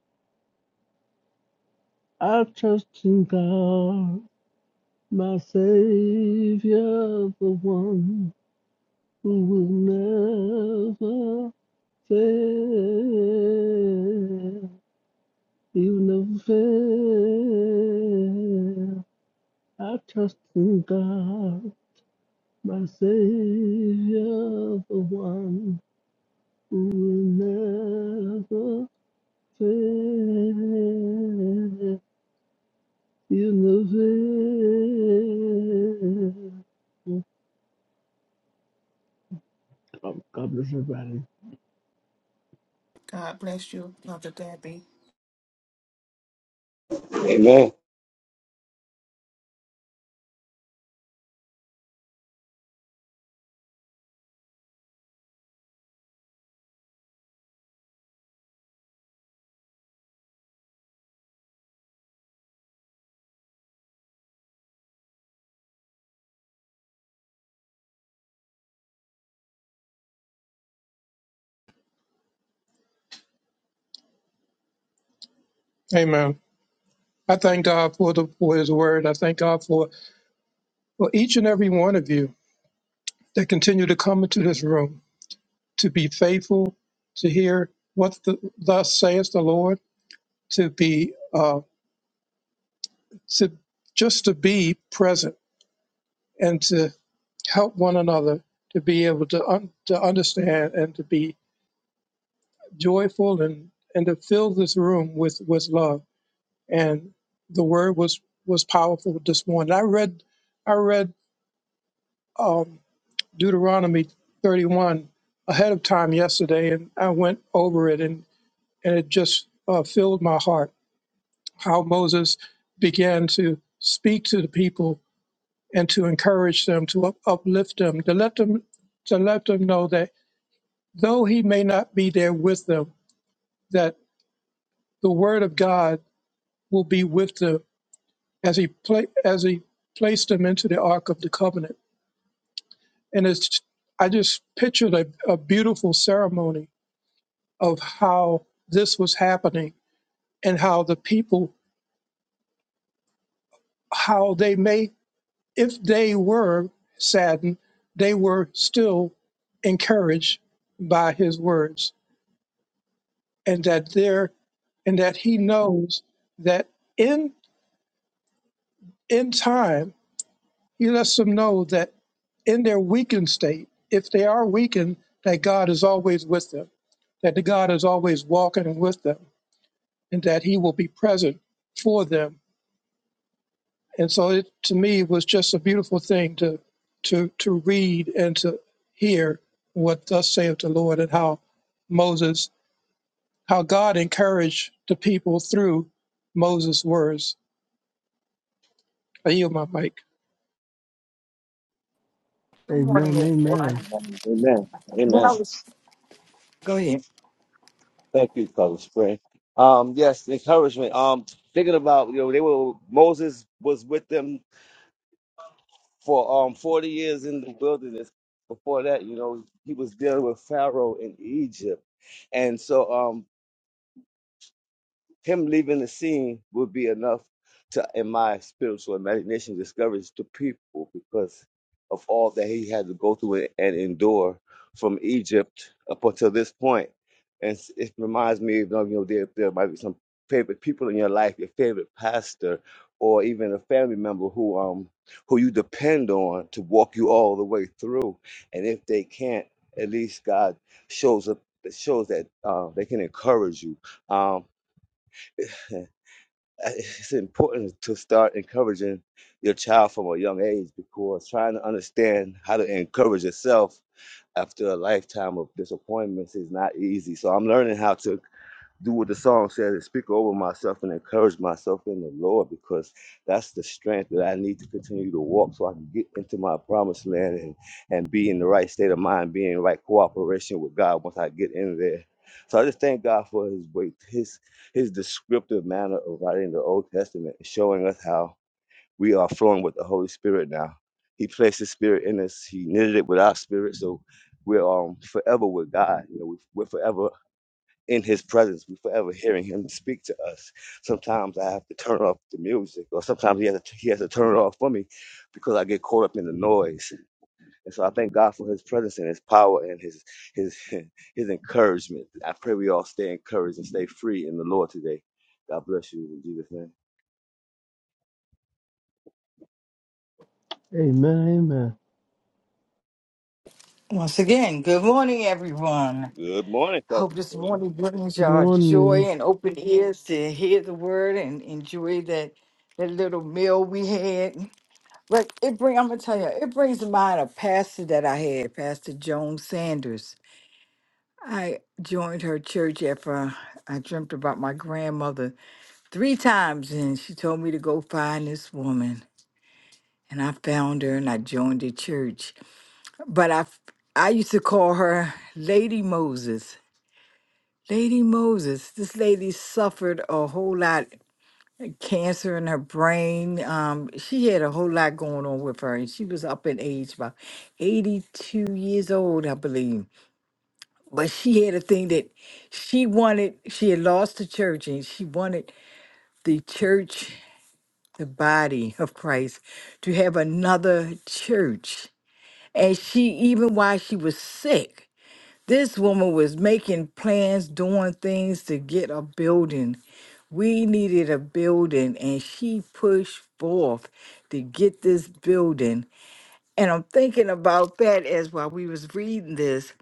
[SPEAKER 9] I trust in God, my Savior, the one who will never fail. He will never fail. I trust in God, my Savior, the one who will never fail. You know it. God, God bless everybody.
[SPEAKER 2] God bless you, Mother Debbie.
[SPEAKER 7] Amen.
[SPEAKER 3] Amen. I thank God for, the, for his word. I thank God for, for each and every one of you that continue to come into this room. to be faithful to hear what the, thus saith the Lord, to be uh, to just to be present and to help one another to be able to un- to understand and to be joyful and and to fill this room with with love and the word was was powerful this morning. I read I read um, Deuteronomy 31 ahead of time yesterday and I went over it and and it just uh, filled my heart how Moses began to speak to the people and to encourage them, to up- uplift them, to let them to let them know that though he may not be there with them, that the word of God will be with them as he pla- as he placed them into the ark of the covenant. And it's I just pictured a, a beautiful ceremony of how this was happening and how the people how they may if they were saddened, they were still encouraged by his words, and that there, and that he knows that in in time he lets them know that in their weakened state, if they are weakened, that God is always with them, that the God is always walking with them, and that He will be present for them And so it to me was just a beautiful thing to to to read and to hear what thus saith the Lord and how Moses how God encouraged the people through Moses' words. I yield my mic.
[SPEAKER 4] Good morning,
[SPEAKER 9] Amen,
[SPEAKER 4] everyone.
[SPEAKER 9] amen.
[SPEAKER 7] Amen. Amen.
[SPEAKER 4] When I
[SPEAKER 7] Amen.
[SPEAKER 4] was go ahead.
[SPEAKER 7] Thank you, Coach Spring. Um, yes, encouragement. Um, thinking about you know they were Moses was with them for um forty years in the wilderness. Before that, you know, he was dealing with Pharaoh in Egypt, and so um Him leaving the scene would be enough to, in my spiritual imagination, discourage the people because of all that he had to go through and endure from Egypt up until this point. And s- it reminds me, of, you know, there, there might be some favorite people in your life, your favorite pastor, or even a family member who um who you depend on to walk you all the way through. And if they can't, at least God shows up shows that uh, they can encourage you. Um, uh, it's important to start encouraging your child from a young age because trying to understand how to encourage yourself after a lifetime of disappointments is not easy. So I'm learning how to do what the song says and speak over myself and encourage myself in the Lord because that's the strength that I need to continue to walk so I can get into my promised land and, and be in the right state of mind, be in the right cooperation with God once I get in there. So I just thank God for his way, his his descriptive manner of writing the Old Testament, showing us how we are flowing with the Holy Spirit now. He placed his spirit in us, he knitted it with our spirit, so we're um forever with God. You know, we- we're forever in his presence. We are forever hearing him speak to us. Sometimes I have to turn off the music, or sometimes he has to, he has to turn it off for me because I get caught up in the noise. And so I thank God for his presence and his power and his his his encouragement. I pray we all stay encouraged and stay free in the Lord today. God bless you in Jesus' name.
[SPEAKER 9] Amen, amen.
[SPEAKER 4] Once again, good morning, everyone.
[SPEAKER 7] Good morning,
[SPEAKER 4] Hope
[SPEAKER 7] cousin.
[SPEAKER 4] this morning brings
[SPEAKER 9] Good
[SPEAKER 4] y'all joy
[SPEAKER 9] morning.
[SPEAKER 4] and open ears to hear the word and enjoy that that little meal we had. Look, it bring. I'm gonna tell you, it brings to mind a pastor that I had, Pastor Joan Sanders. I joined her church after I I dreamt about my grandmother three times, and she told me to go find this woman, and I found her, and I joined the church. But I, f- I used to call her Lady Moses. Lady Moses. This lady suffered a whole lot cancer in her brain. Um, she had a whole lot going on with her, and she was up in age, about 82 years old, I believe. But she had a thing that she wanted, she had lost the church, and she wanted the church, the body of Christ, to have another church. And she, even while she was sick, this woman was making plans, doing things to get a building. We needed a building, and she pushed forth to get this building. And I'm thinking about that as while we was reading this,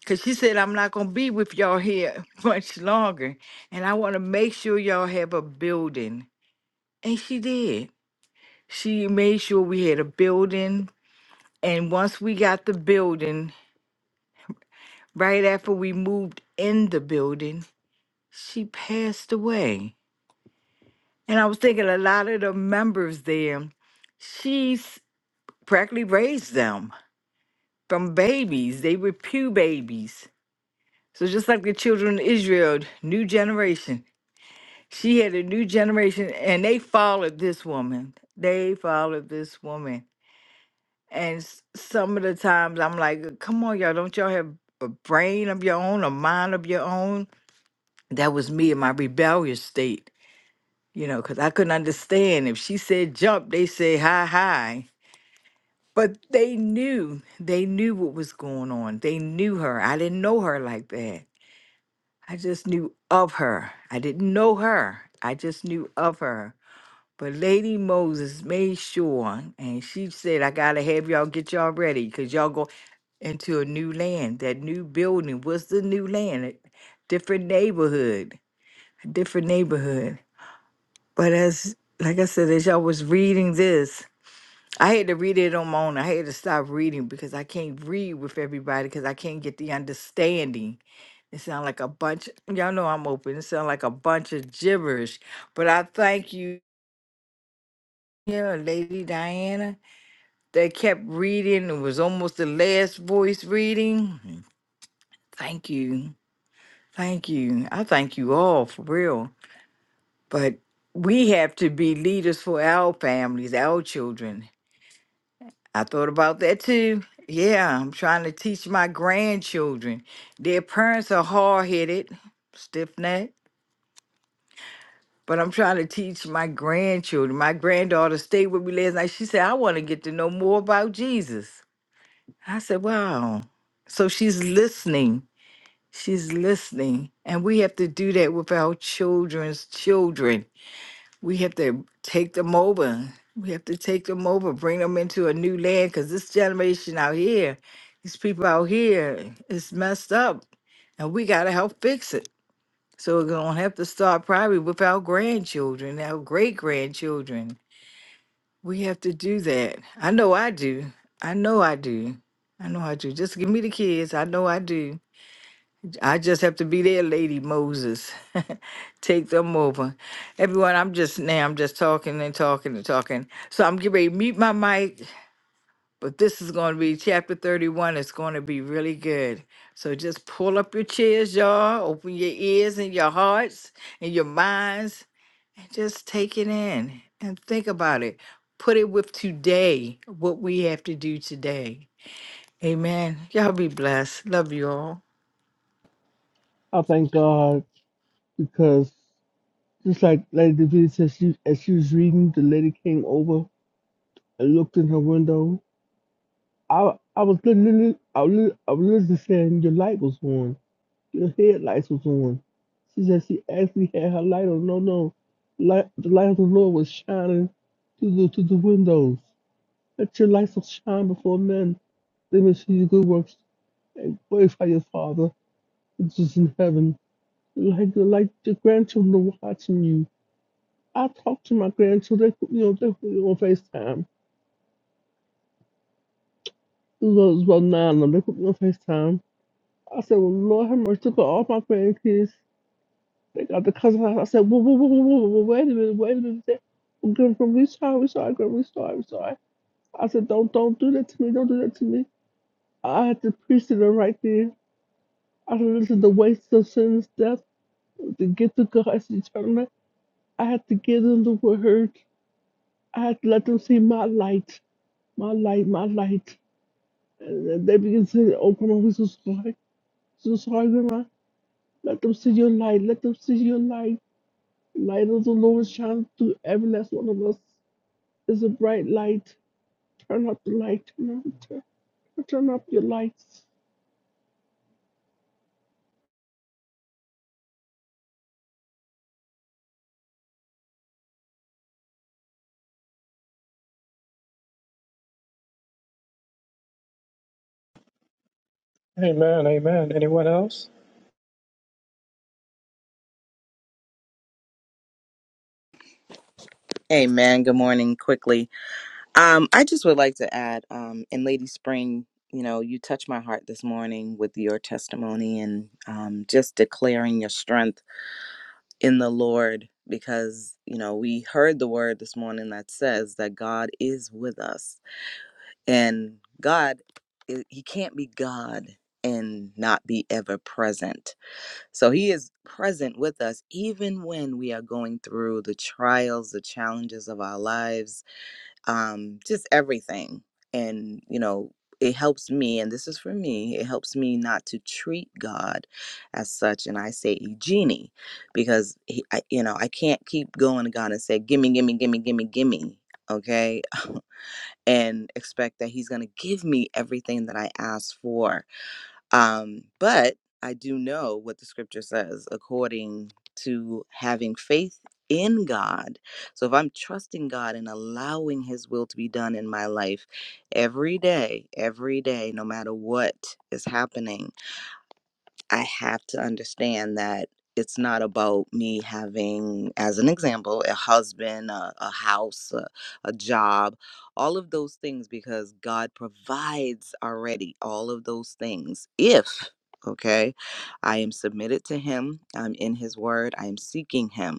[SPEAKER 4] because she said, I'm not going to be with y'all here much longer, and I want to make sure y'all have a building. And she did. She made sure we had a building. And once we got the building, right after we moved in the building, she passed away. And I was thinking a lot of the members there, she's practically raised them from babies. They were pew babies. So just like the children of Israel, new generation. She had a new generation and they followed this woman. They followed this woman. And s- some of the times I'm like, come on, y'all, don't y'all have a brain of your own, a mind of your own? That was me in my rebellious state. you know, because I couldn't understand. If she said jump, they say hi, hi. But they knew, they knew what was going on. They knew her. I didn't know her like that. I just knew of her. I didn't know her. I just knew of her. But Lady Moses made sure, and she said, I got to have y'all get y'all ready because y'all go into a new land. That new building was the new land, a different neighborhood, a different neighborhood. But as like I said, as y'all was reading this, I had to read it on my own. I had to stop reading because I can't read with everybody because I can't get the understanding. It sounds like a bunch. Y'all know I'm open. It sounds like a bunch of gibberish. But I thank you, yeah, Lady Diana, that kept reading. It was almost the last voice reading. Mhm. Thank you. Thank you. I thank you all for real. But we have to be leaders for our families, our children I thought about that too. Yeah, I'm trying to teach my grandchildren. Their parents are hard headed, stiff necked, but I'm trying to teach my grandchildren. My granddaughter stayed with me last night. She said, I want to get to know more about Jesus. I said, Wow. So she's listening. She's listening. And we have to do that with our children's children. we have to take them over. We have to take them over, bring them into a new land, because this generation out here, these people out here, it's messed up, and we gotta help fix it. So we're gonna have to start probably with our grandchildren, our great grandchildren. We have to do that. I know I do. I know I do. I know I do. Just give me the kids. I know I do. I just have to be their lady Moses. Take them over. Everyone, I'm just now, I'm just talking and talking and talking. So I'm getting ready to mute my mic, but this is going to be chapter 31. It's going to be really good. So just pull up your chairs, y'all. Open your ears and your hearts and your minds and just take it in and think about it. Put it with today, what we have to do today. Amen. Y'all be blessed. Love you all.
[SPEAKER 9] I thank God because just like Lady Davida said, she, as she was reading, the lady came over and looked in her window. I I was literally, I was, lit- I was literally saying, your light was on. Your headlights was on. She said she actually had her light on. No, no. Light, the light of the Lord was shining through the, through the windows. Let your light so shine before men. They may see your good works and glorify your Father which is in heaven. Like like your grandchildren watching you. I talk to my grandchildren. They put me on. They put me on Facetime. It was about nine of them. They put me on Facetime. I said, "Well, Lord have mercy." Look at all my grandkids. They got the cousin. I said, "Whoa, whoa, whoa, whoa, whoa, whoa, wait a minute, wait a minute." They- Grandpa, we sorry, we sorry, Grandpa, we sorry, we sorry. I said, "Don't, don't do that to me. Don't do that to me." I had to preach to them right there. After this is the waste of sin's death, to get to God's eternal, I had to give them the word. I had to let them see my light, my light, my light. And then they begin to say, Oh, Grandma, we're so sorry. So sorry, Grandma. Let them see your light. Let them see your light. Light of the Lord shines through every last one of us. It's a bright light. Turn up the light. Turn up, turn, turn up your lights.
[SPEAKER 3] Amen, amen. Anyone else?
[SPEAKER 11] Hey man, good morning. Quickly, um, I just would like to add, um, and Lady Spring, you know, you touched my heart this morning with your testimony and um, just declaring your strength in the Lord, because you know we heard the word this morning that says that God is with us, and God, i- He can't be God and not be ever present. So He is present with us even when we are going through the trials, the challenges of our lives um, just everything. And, you know, it helps me, and this is for me, it helps me not to treat God as such. And I say a genie because, he, I, you know, I can't keep going to God and say, gimme, gimme, gimme, gimme, gimme, okay? and expect that He's going to give me everything that I ask for um, but I do know what the scripture says according to having faith in God. So if I'm trusting God and allowing His will to be done in my life every day, every day, no matter what is happening, I have to understand that it's not about me having, as an example, a husband, a, a house, a, a job, all of those things, because God provides already all of those things. If, okay, I am submitted to Him, I'm in His Word, I am seeking Him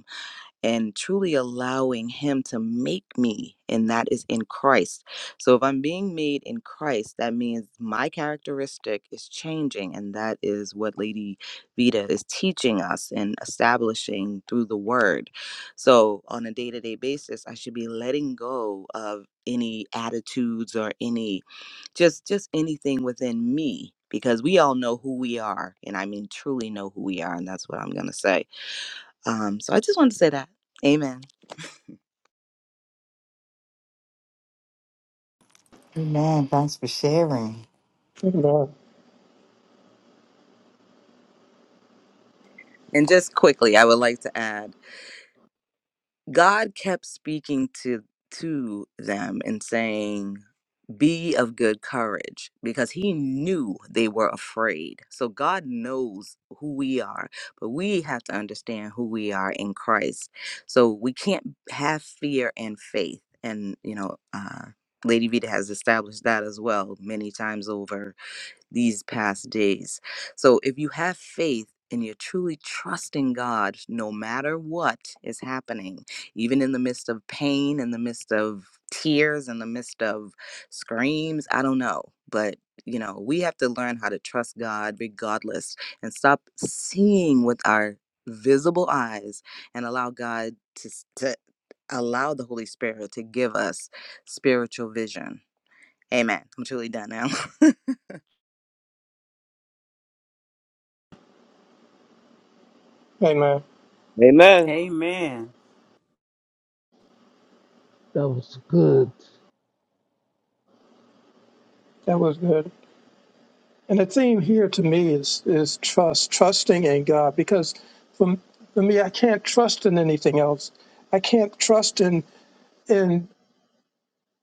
[SPEAKER 11] and truly allowing him to make me and that is in christ so if i'm being made in christ that means my characteristic is changing and that is what lady vita is teaching us and establishing through the word so on a day-to-day basis i should be letting go of any attitudes or any just just anything within me because we all know who we are and i mean truly know who we are and that's what i'm going to say um, so I just wanted to say that. Amen.
[SPEAKER 4] Amen. Thanks for sharing.
[SPEAKER 3] Amen.
[SPEAKER 11] And just quickly, I would like to add, God kept speaking to to them and saying, "Be of good courage," because He knew they were afraid. So God knows who we are, but we have to understand who we are in Christ. So we can't have fear and faith. And you know, uh, Lady Vita has established that as well many times over these past days. So if you have faith and you're truly trusting God, no matter what is happening, even in the midst of pain, in the midst of tears, in the midst of screams, I don't know. But, you know, we have to learn how to trust God regardless and stop seeing with our visible eyes and allow God to, to allow the Holy Spirit to give us spiritual vision. Amen. I'm truly done now.
[SPEAKER 3] Amen.
[SPEAKER 7] Amen.
[SPEAKER 10] Amen.
[SPEAKER 9] That was good.
[SPEAKER 3] That was good. And the theme here to me is is trust, trusting in God, because for, for me I can't trust in anything else. I can't trust in in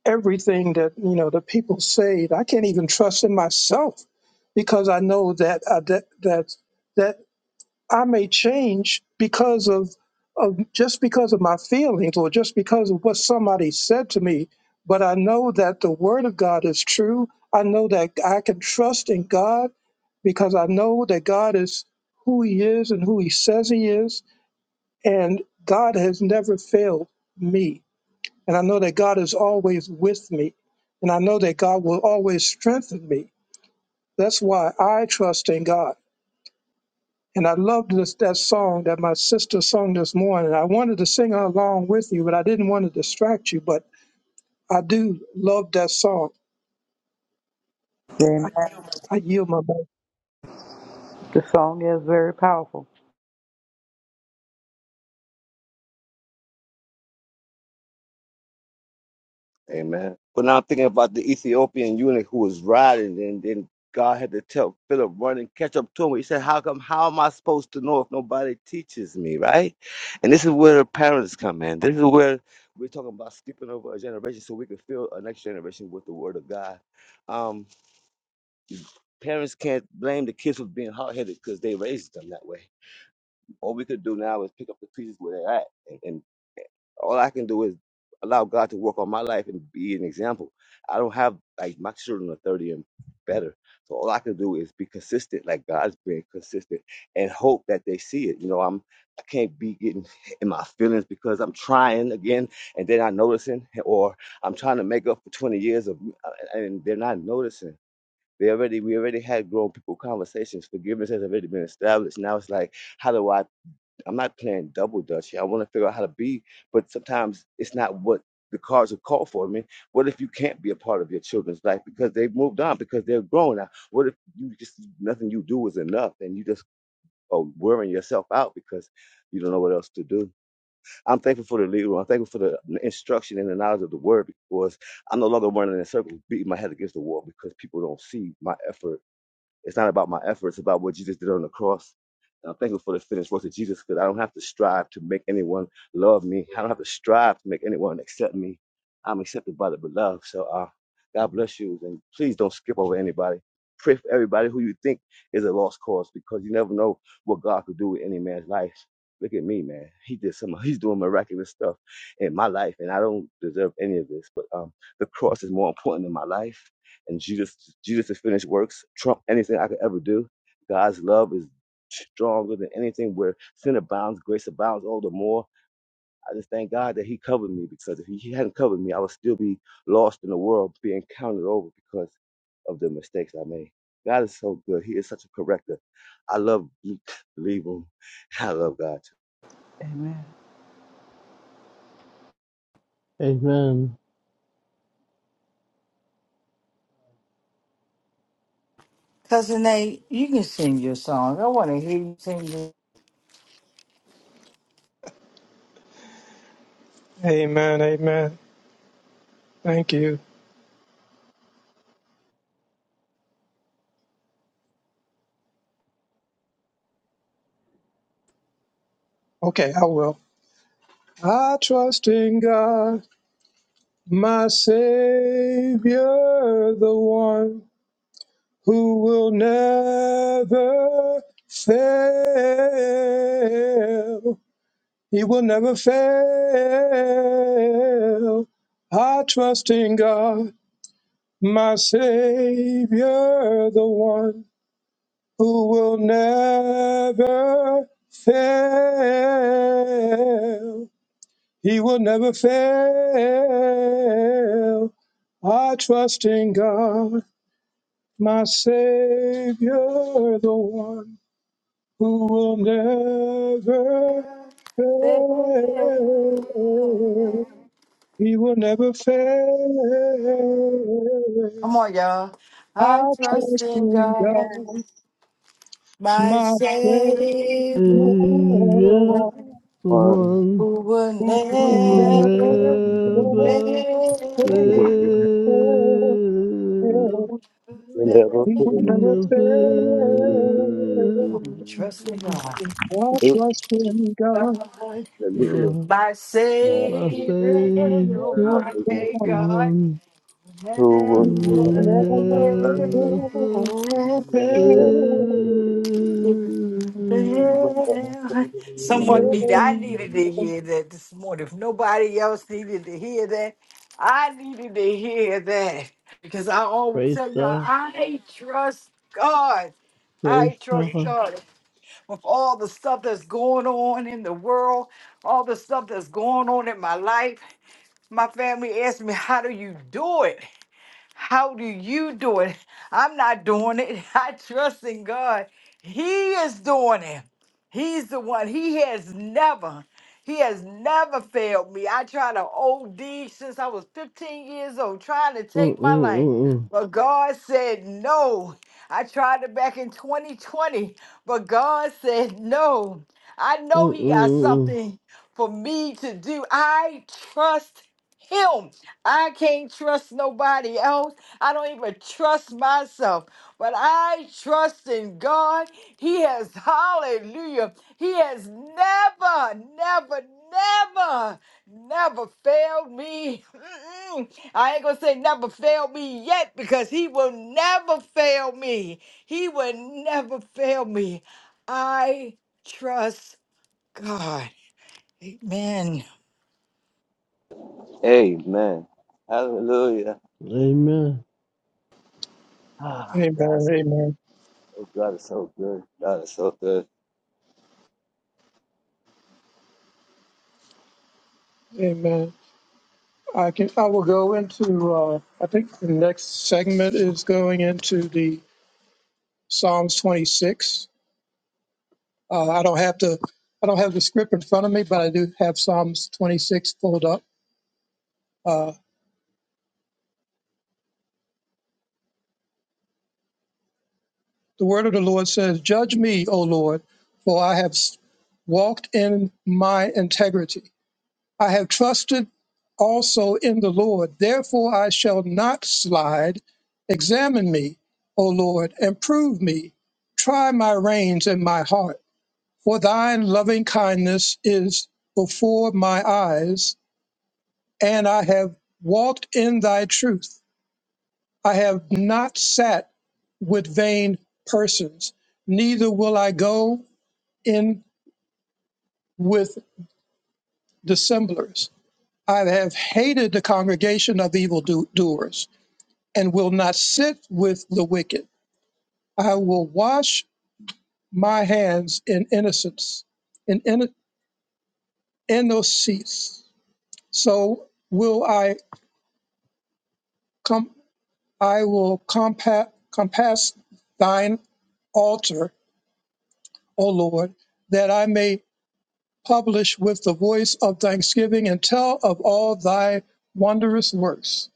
[SPEAKER 3] everything that you know the people say. I can't even trust in myself because I know that uh, that that that I may change because of of just because of my feelings or just because of what somebody said to me. But I know that the word of God is true. I know that I can trust in God because I know that God is who He is and who He says He is, and God has never failed me. And I know that God is always with me. And I know that God will always strengthen me. That's why I trust in God. And I loved this, that song that my sister sung this morning. I wanted to sing along with you, but I didn't want to distract you. But I do love that song.
[SPEAKER 6] Amen.
[SPEAKER 3] I yield my mic.
[SPEAKER 6] The song is very powerful.
[SPEAKER 7] Amen. But now I'm thinking about the Ethiopian eunuch who was riding, and then God had to tell Philip, run and catch up to him. He said, How come, how am I supposed to know if nobody teaches me, right? And this is where the parents come in. This is where we're talking about skipping over a generation so we can fill a next generation with the word of God. Um, parents can't blame the kids for being hard headed because they raised them that way. All we could do now is pick up the pieces where they're at and, all I can do is allow God to work on my life and be an example. I don't have like my children are 30 and better. So all I can do is be consistent, like God's been consistent and hope that they see it. You know, I'm I can't be getting in my feelings because I'm trying again and they're not noticing or I'm trying to make up for 20 years of uh, and they're not noticing. They already we already had grown people conversations. Forgiveness has already been established. Now it's like, how do I I'm not playing double dutch I want to figure out how to be, but sometimes it's not what the cards are called for. I mean, what if you can't be a part of your children's life because they've moved on, because they're grown now? What if you just nothing you do is enough and you just are wearing yourself out because you don't know what else to do? I'm thankful for the lead room. I'm thankful for the instruction and the knowledge of the word because I'm no longer running in circles, beating my head against the wall because people don't see my effort it's not about my efforts, it's about what Jesus did on the cross. And I'm thankful for the finished work of Jesus because I don't have to strive to make anyone love me. I don't have to strive to make anyone accept me. I'm accepted by the beloved. So uh, God bless you. And please don't skip over anybody. Pray for everybody who you think is a lost cause because you never know what God could do with any man's life. Look at me, man. He did some. He's doing miraculous stuff in my life, and I don't deserve any of this. But um, the cross is more important in my life and Jesus Jesus' finished works trump anything I could ever do. God's love is stronger than anything. Where sin abounds, grace abounds all the more. I just thank God that He covered me because if He hadn't covered me, I would still be lost in the world, being counted over because of the mistakes I made. God is so good. He is such a corrector. I love believe Him. I love God.
[SPEAKER 6] Amen.
[SPEAKER 9] Amen.
[SPEAKER 4] Cousin Nate, you can sing your song. I want to hear you sing your
[SPEAKER 3] Amen. Amen. Thank you. Okay, I will. I trust in God, my Savior, the one who will never fail. He will never fail. I trust in God, my Savior, the one who will never fail. He will never fail. I trust in God, my Savior, the one who will never fail. He will never fail.
[SPEAKER 4] Come on, y'all. I
[SPEAKER 3] I
[SPEAKER 4] trust
[SPEAKER 3] trust
[SPEAKER 4] in
[SPEAKER 3] in
[SPEAKER 4] God,
[SPEAKER 3] God,
[SPEAKER 12] Yes.
[SPEAKER 4] my
[SPEAKER 3] my Savior,
[SPEAKER 4] Savior,
[SPEAKER 9] Hey,
[SPEAKER 3] the
[SPEAKER 4] the
[SPEAKER 9] Yeah,
[SPEAKER 3] one
[SPEAKER 4] one
[SPEAKER 9] the
[SPEAKER 7] One.
[SPEAKER 9] one.
[SPEAKER 4] who will
[SPEAKER 3] who will
[SPEAKER 9] will
[SPEAKER 3] never
[SPEAKER 4] never
[SPEAKER 9] never
[SPEAKER 4] fail.
[SPEAKER 12] Mm.
[SPEAKER 3] fail.
[SPEAKER 9] fail.
[SPEAKER 12] You never
[SPEAKER 3] He will never
[SPEAKER 9] Never.
[SPEAKER 3] fail.
[SPEAKER 4] Come on, Trust in God,
[SPEAKER 3] I trust in God,
[SPEAKER 4] God,
[SPEAKER 7] Hallelujah.
[SPEAKER 9] God,
[SPEAKER 4] my
[SPEAKER 7] Not
[SPEAKER 9] my
[SPEAKER 7] to
[SPEAKER 4] Savior,
[SPEAKER 7] be
[SPEAKER 4] the
[SPEAKER 9] Savior, the
[SPEAKER 7] near
[SPEAKER 4] one,
[SPEAKER 7] the
[SPEAKER 3] the
[SPEAKER 7] one
[SPEAKER 4] hey
[SPEAKER 3] one
[SPEAKER 4] God.
[SPEAKER 9] one
[SPEAKER 7] who
[SPEAKER 3] who
[SPEAKER 9] who
[SPEAKER 7] will
[SPEAKER 3] will
[SPEAKER 9] will
[SPEAKER 7] never
[SPEAKER 3] never
[SPEAKER 9] never
[SPEAKER 7] be here.
[SPEAKER 3] fail.
[SPEAKER 9] fail.
[SPEAKER 4] Someone needed,
[SPEAKER 3] Amen.
[SPEAKER 4] I needed to hear that this morning. If nobody else needed to hear that, I needed to hear that. Because I always
[SPEAKER 9] Praise
[SPEAKER 4] tell you, all
[SPEAKER 9] God.
[SPEAKER 4] I trust God.
[SPEAKER 9] Praise
[SPEAKER 4] I trust
[SPEAKER 9] God.
[SPEAKER 4] God with all the stuff that's going on in the world, all the stuff that's going on in my life. My family asked me, How do you do it? How do you do it? I'm not doing it. I trust in God. He is doing it. He's the one. He has never, he has never failed me. I tried to OD since I was 15 years old, trying to take my life.
[SPEAKER 9] Mm-mm-mm.
[SPEAKER 4] But God said no. I tried it back in 2020, but God said no. I know He got
[SPEAKER 9] Mm-mm.
[SPEAKER 4] something for me to do. I trust Him. I can't trust nobody else. I don't even trust myself. But I trust in God. He has, hallelujah, He has never, never, never, never failed me. Mm-mm. I ain't going to say never failed me yet because He will never fail me. He will never fail me. I trust God. Amen.
[SPEAKER 7] Amen. Hallelujah.
[SPEAKER 9] Amen.
[SPEAKER 7] Ah, God is
[SPEAKER 3] Amen.
[SPEAKER 7] so God is so good. God is so good.
[SPEAKER 3] Amen. I can. I will go into. Uh, I think the next segment is going into the Psalms 26. Uh, I don't have to. I don't have the script in front of me, but I do have Psalms 26 pulled up. Uh, the word of the Lord says, "Judge me, O Lord, for I have s- walked in my integrity." I have trusted also in the Lord. Therefore I shall not slide. Examine me, O Lord, and prove me. Try my reins and my heart. For thine loving kindness is before my eyes, and I have walked in thy truth. I have not sat with vain persons, neither will I go in with dissemblers. I have hated the congregation of evildoers and will not sit with the wicked. I will wash my hands in innocence, in in- innocence. So will I come. I will compa- compass thine altar, O Lord, that I may publish with the voice of thanksgiving and tell of all thy wondrous works.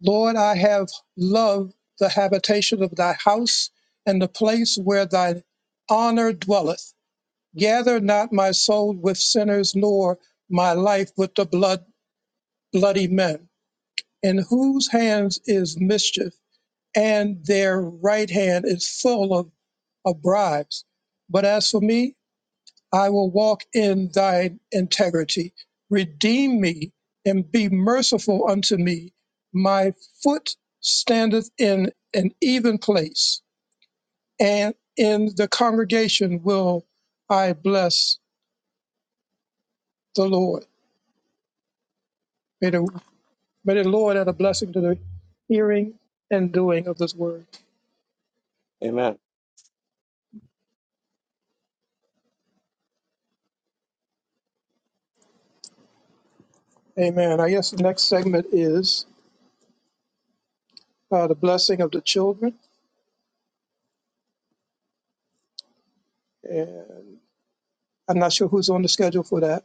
[SPEAKER 3] Lord, I have loved the habitation of thy house and the place where thy honor dwelleth Gather not my soul with sinners, nor my life with the blood, bloody men, in whose hands is mischief, and their right hand is full of, of bribes. But as for me, I will walk in thine integrity. Redeem me and be merciful unto me. My foot standeth in an even place, and in the congregation will I bless the Lord. May the May the Lord add a blessing to the hearing and doing of this word.
[SPEAKER 7] Amen.
[SPEAKER 3] Amen. I guess the next segment is uh, the blessing of the children. And I'm not sure who's on the schedule for that,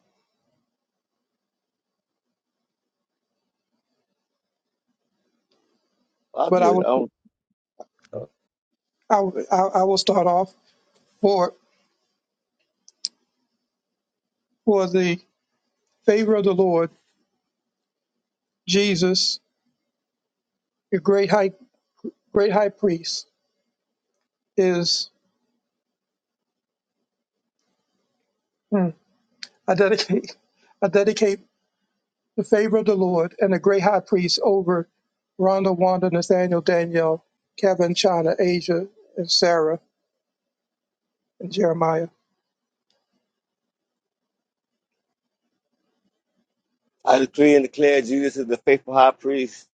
[SPEAKER 7] Well, I'll
[SPEAKER 3] but
[SPEAKER 7] do
[SPEAKER 3] I
[SPEAKER 7] it.
[SPEAKER 3] will
[SPEAKER 7] I'm,
[SPEAKER 3] I, will- I I will start off for for the favor of the Lord Jesus, your great high great high priest is hmm, I dedicate I dedicate the favor of the Lord and the great high priest over Rhonda, Wanda, Nathaniel, Danielle, Kevin, China, Asia, and Sarah and Jeremiah.
[SPEAKER 7] I decree and declare Jesus is the faithful high priest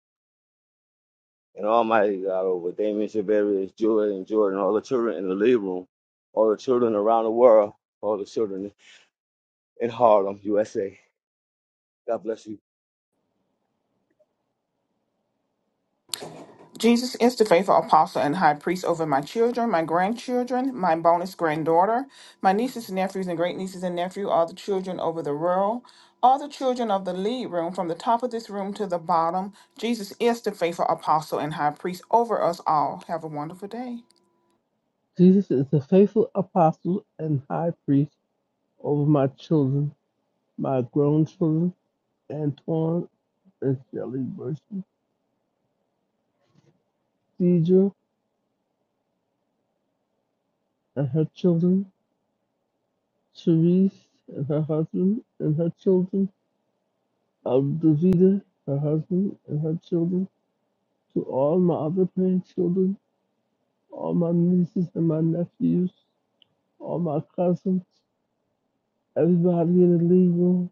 [SPEAKER 7] and almighty God over Damien Shabarius, Joy and Jordan, all the children in the living room, all the children around the world, all the children in Harlem, USA. God bless you.
[SPEAKER 2] Jesus is the faithful apostle and high priest over my children, my grandchildren, my bonus granddaughter, my nieces and nephews and great nieces and nephew, all the children over the world, all the children of the lead room, from the top of this room to the bottom. Jesus is the faithful apostle and high priest over us all. Have a wonderful day.
[SPEAKER 9] Jesus is the faithful apostle and high priest over my children, my grown children, Antoine and Shelley Mercy, Deidre and her children, Cherise and her husband and her children, Davida, her husband and her children, to all my other grandchildren, all my nieces and my nephews, all my cousins, everybody in the legal.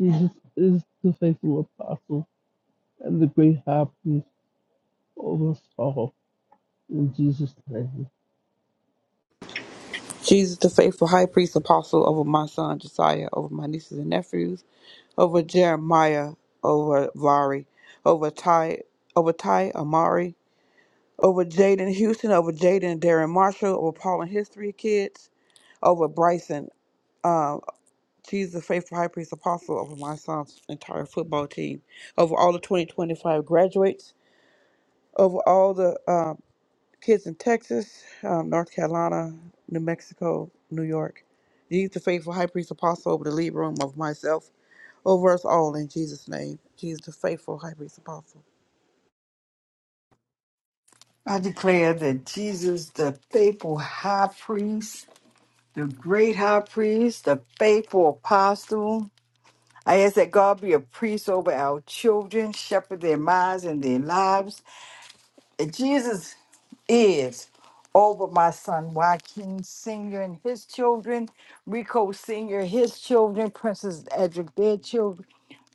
[SPEAKER 9] Jesus is the faithful apostle and the great high priest. over all. In Jesus' name.
[SPEAKER 6] Jesus, the faithful high priest apostle over my son Josiah, over my nieces and nephews, over Jeremiah, over Vari, over Ty, over Ty Amari, over Jaden Houston, over Jaden and Darren Marshall, over Paul and his three kids, over Bryson, Uh, she's the faithful high priest apostle over my son's entire football team, over all the 2025 graduates, over all the uh, kids in Texas, um, North Carolina, New Mexico, New York. He's the faithful high priest apostle over the lead room of myself, over us all in Jesus' name. Jesus, the faithful high priest apostle.
[SPEAKER 4] I declare that Jesus, the faithful high priest, the great high priest, the faithful apostle, I ask that God be a priest over our children, shepherd their minds and their lives. That Jesus is over my son Joaquin Sr. and his children, Rico Sr., his children, Princess Edric, their children,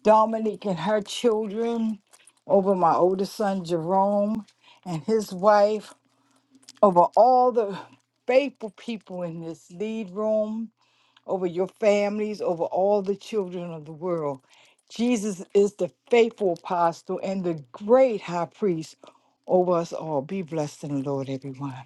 [SPEAKER 4] Dominique and her children, over my oldest son Jerome and his wife over all the faithful people in this lead room, over your families, over all the children of the world. Jesus is the faithful apostle and the great high priest over us all. Be blessed in the Lord, everyone.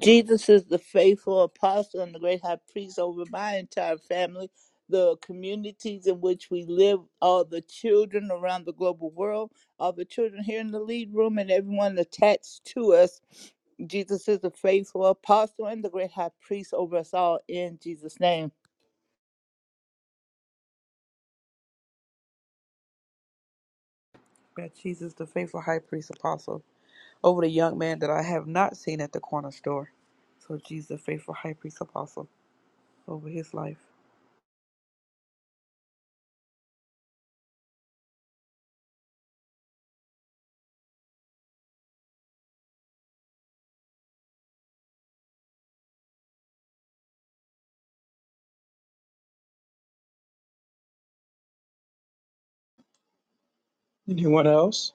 [SPEAKER 8] Jesus is the faithful apostle and the great high priest over my entire family, the communities in which we live, all the children around the global world, all the children here in the lead room, and everyone attached to us. Jesus is the faithful apostle and the great high priest over us all in Jesus' name.
[SPEAKER 6] God, Jesus, the faithful high priest apostle, over the young man that I have not seen at the corner store. So, Jesus, the faithful high priest apostle, over his life.
[SPEAKER 3] Anyone else?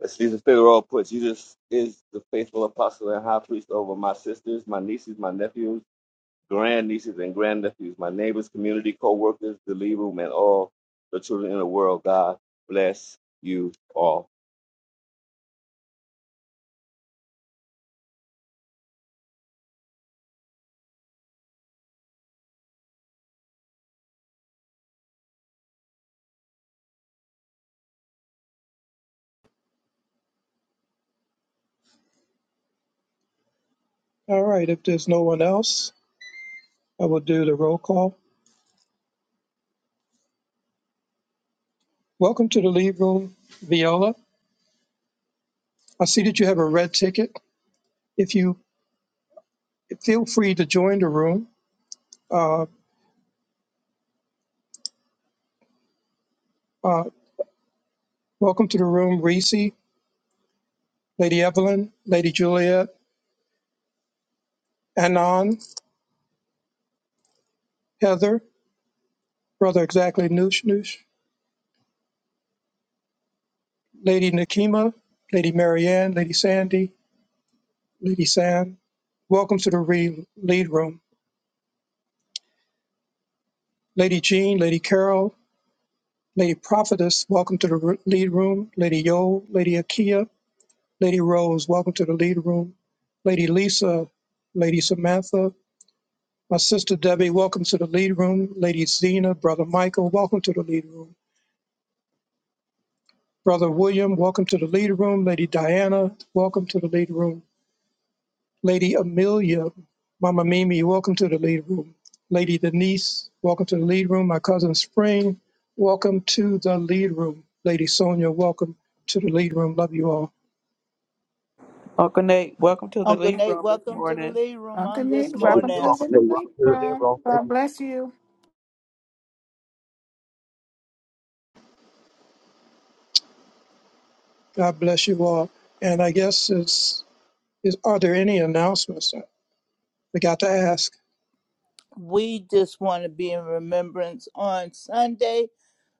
[SPEAKER 7] As Jesus Figueroa puts, Jesus is the faithful apostle and high priest over my sisters, my nieces, my nephews, grandnieces, and grandnephews, my neighbors, community, co workers, the lead room, and all the children in the world. God bless you all.
[SPEAKER 3] All right, if there's no one else, I will do the roll call. Welcome to the lead room, Viola. I see that you have a red ticket. If you feel free to join the room, uh, uh, welcome to the room, Reese, Lady Evelyn, Lady Juliet, Anon, Heather, Brother Exactly Noosh Noosh, Lady Nakima, Lady Marianne, Lady Sandy, Lady San. Welcome to the re- lead room, Lady Jean, Lady Carol, Lady Prophetess, welcome to the r- lead room. Lady Yo, Lady Akia, Lady Rose, welcome to the lead room. Lady Lisa, Lady Samantha, my sister Debbie, welcome to the lead room. Lady Zena, Brother Michael, welcome to the lead room. Brother William, welcome to the lead room. Lady Diana, welcome to the lead room. Lady Amelia, Mama Mimi, welcome to the lead room. Lady Denise, welcome to the lead room. My cousin Spring, welcome to the lead room. Lady Sonia, welcome to the lead room. Love you all.
[SPEAKER 6] Uncle Nate, welcome to the
[SPEAKER 8] Uncle
[SPEAKER 6] Leaf
[SPEAKER 8] Nate,
[SPEAKER 6] Room this
[SPEAKER 8] welcome to the
[SPEAKER 6] morning.
[SPEAKER 8] Lead Room
[SPEAKER 2] Uncle
[SPEAKER 8] on this
[SPEAKER 2] Nick,
[SPEAKER 7] Brother,
[SPEAKER 2] dropping to
[SPEAKER 7] you're
[SPEAKER 8] morning.
[SPEAKER 2] the
[SPEAKER 7] welcome
[SPEAKER 2] second plate
[SPEAKER 7] to the lead
[SPEAKER 2] room.
[SPEAKER 7] room. Thank
[SPEAKER 2] God
[SPEAKER 7] you.
[SPEAKER 2] bless you.
[SPEAKER 3] God bless you all. And I guess it's is are there any announcements? I forgot to ask.
[SPEAKER 8] We just want to be in remembrance on Sunday,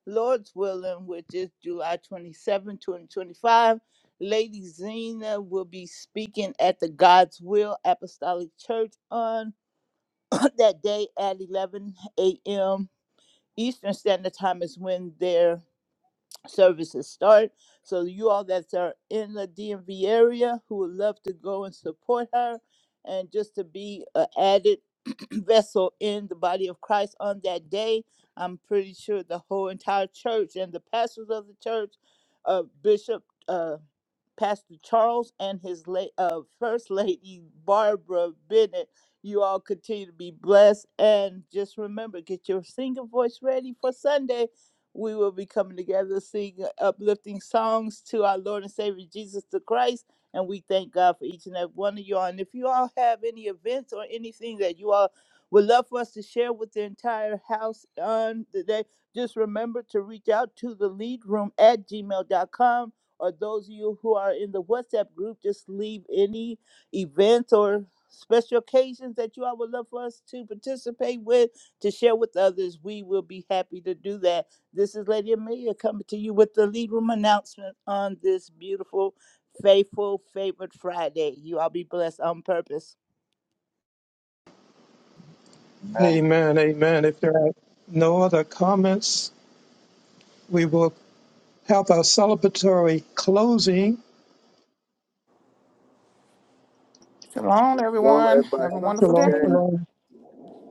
[SPEAKER 8] Lord's willing, which is July 27, 2025. Lady Zena will be speaking at the God's Will Apostolic Church on that day at 11 a.m. Eastern Standard Time is when there. services start. So you all that are in the DMV area who would love to go and support her and just to be an added vessel in the body of Christ on that day, I'm pretty sure the whole entire church and the pastors of the church, uh, Bishop. uh, Pastor Charles and his late uh, First Lady Barbara Bennett. You all continue to be blessed. And just remember, get your singing voice ready for Sunday. We will be coming together, singing uplifting songs to our Lord and Savior Jesus the Christ. And we thank God for each and every one of you all. And if you all have any events or anything that you all would love for us to share with the entire house on today, just remember to reach out to the lead room at gmail.com or those of you who are in the WhatsApp group, just leave any events or special occasions that you all would love for us to participate with, to share with others. We will be happy to do that. This is Lady Amelia coming to you with the lead room announcement on this beautiful, faithful, favored Friday. You all be blessed on purpose.
[SPEAKER 3] Amen, amen. If there are no other comments, we will have our celebratory closing.
[SPEAKER 2] Shalom,
[SPEAKER 7] Lord,
[SPEAKER 2] everyone.
[SPEAKER 7] everybody,
[SPEAKER 2] Have a
[SPEAKER 7] have a good
[SPEAKER 2] wonderful
[SPEAKER 3] Shalom,
[SPEAKER 7] day.
[SPEAKER 2] day.
[SPEAKER 3] shalom.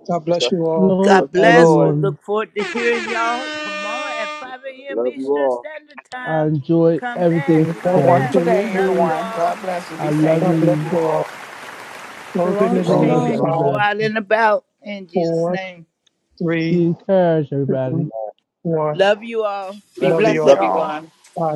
[SPEAKER 3] God bless
[SPEAKER 7] Bless,
[SPEAKER 3] you all.
[SPEAKER 9] Shalom,
[SPEAKER 7] bless
[SPEAKER 8] God
[SPEAKER 7] the
[SPEAKER 8] bless. We
[SPEAKER 7] Lord.
[SPEAKER 9] everyone.
[SPEAKER 8] look forward to hearing y'all tomorrow at 5 a.m.
[SPEAKER 7] Love you
[SPEAKER 8] Eastern
[SPEAKER 7] all.
[SPEAKER 8] Standard
[SPEAKER 9] I
[SPEAKER 8] Time.
[SPEAKER 9] enjoyed
[SPEAKER 8] Come back,
[SPEAKER 9] everything
[SPEAKER 3] Amen.
[SPEAKER 7] Amen.
[SPEAKER 8] come
[SPEAKER 2] Have a
[SPEAKER 9] today.
[SPEAKER 8] back.
[SPEAKER 2] wonderful day,
[SPEAKER 8] Love
[SPEAKER 3] Absolutely.
[SPEAKER 8] you
[SPEAKER 2] everyone.
[SPEAKER 8] all.
[SPEAKER 2] God bless you.
[SPEAKER 9] I
[SPEAKER 2] Be
[SPEAKER 7] God
[SPEAKER 9] love
[SPEAKER 3] God
[SPEAKER 7] bless
[SPEAKER 2] safe.
[SPEAKER 3] bless
[SPEAKER 7] you
[SPEAKER 9] you.
[SPEAKER 3] you all.
[SPEAKER 7] all.
[SPEAKER 3] Closing
[SPEAKER 10] Shalom,
[SPEAKER 3] the
[SPEAKER 8] Be
[SPEAKER 9] I
[SPEAKER 7] Shalom,
[SPEAKER 3] room
[SPEAKER 8] safe
[SPEAKER 9] love
[SPEAKER 3] in
[SPEAKER 10] shalom.
[SPEAKER 8] as you
[SPEAKER 7] shalom.
[SPEAKER 3] five,
[SPEAKER 8] go
[SPEAKER 9] everybody.
[SPEAKER 8] out and about in Jesus'
[SPEAKER 3] four,
[SPEAKER 8] name.
[SPEAKER 3] three,
[SPEAKER 9] Be encouraged,
[SPEAKER 3] two,
[SPEAKER 9] everybody.
[SPEAKER 3] one.
[SPEAKER 8] Love you all.
[SPEAKER 4] Be
[SPEAKER 3] Love
[SPEAKER 7] Blessings.
[SPEAKER 3] you
[SPEAKER 4] blessed.
[SPEAKER 3] all.
[SPEAKER 7] Love you all.
[SPEAKER 2] Go.
[SPEAKER 3] Bye.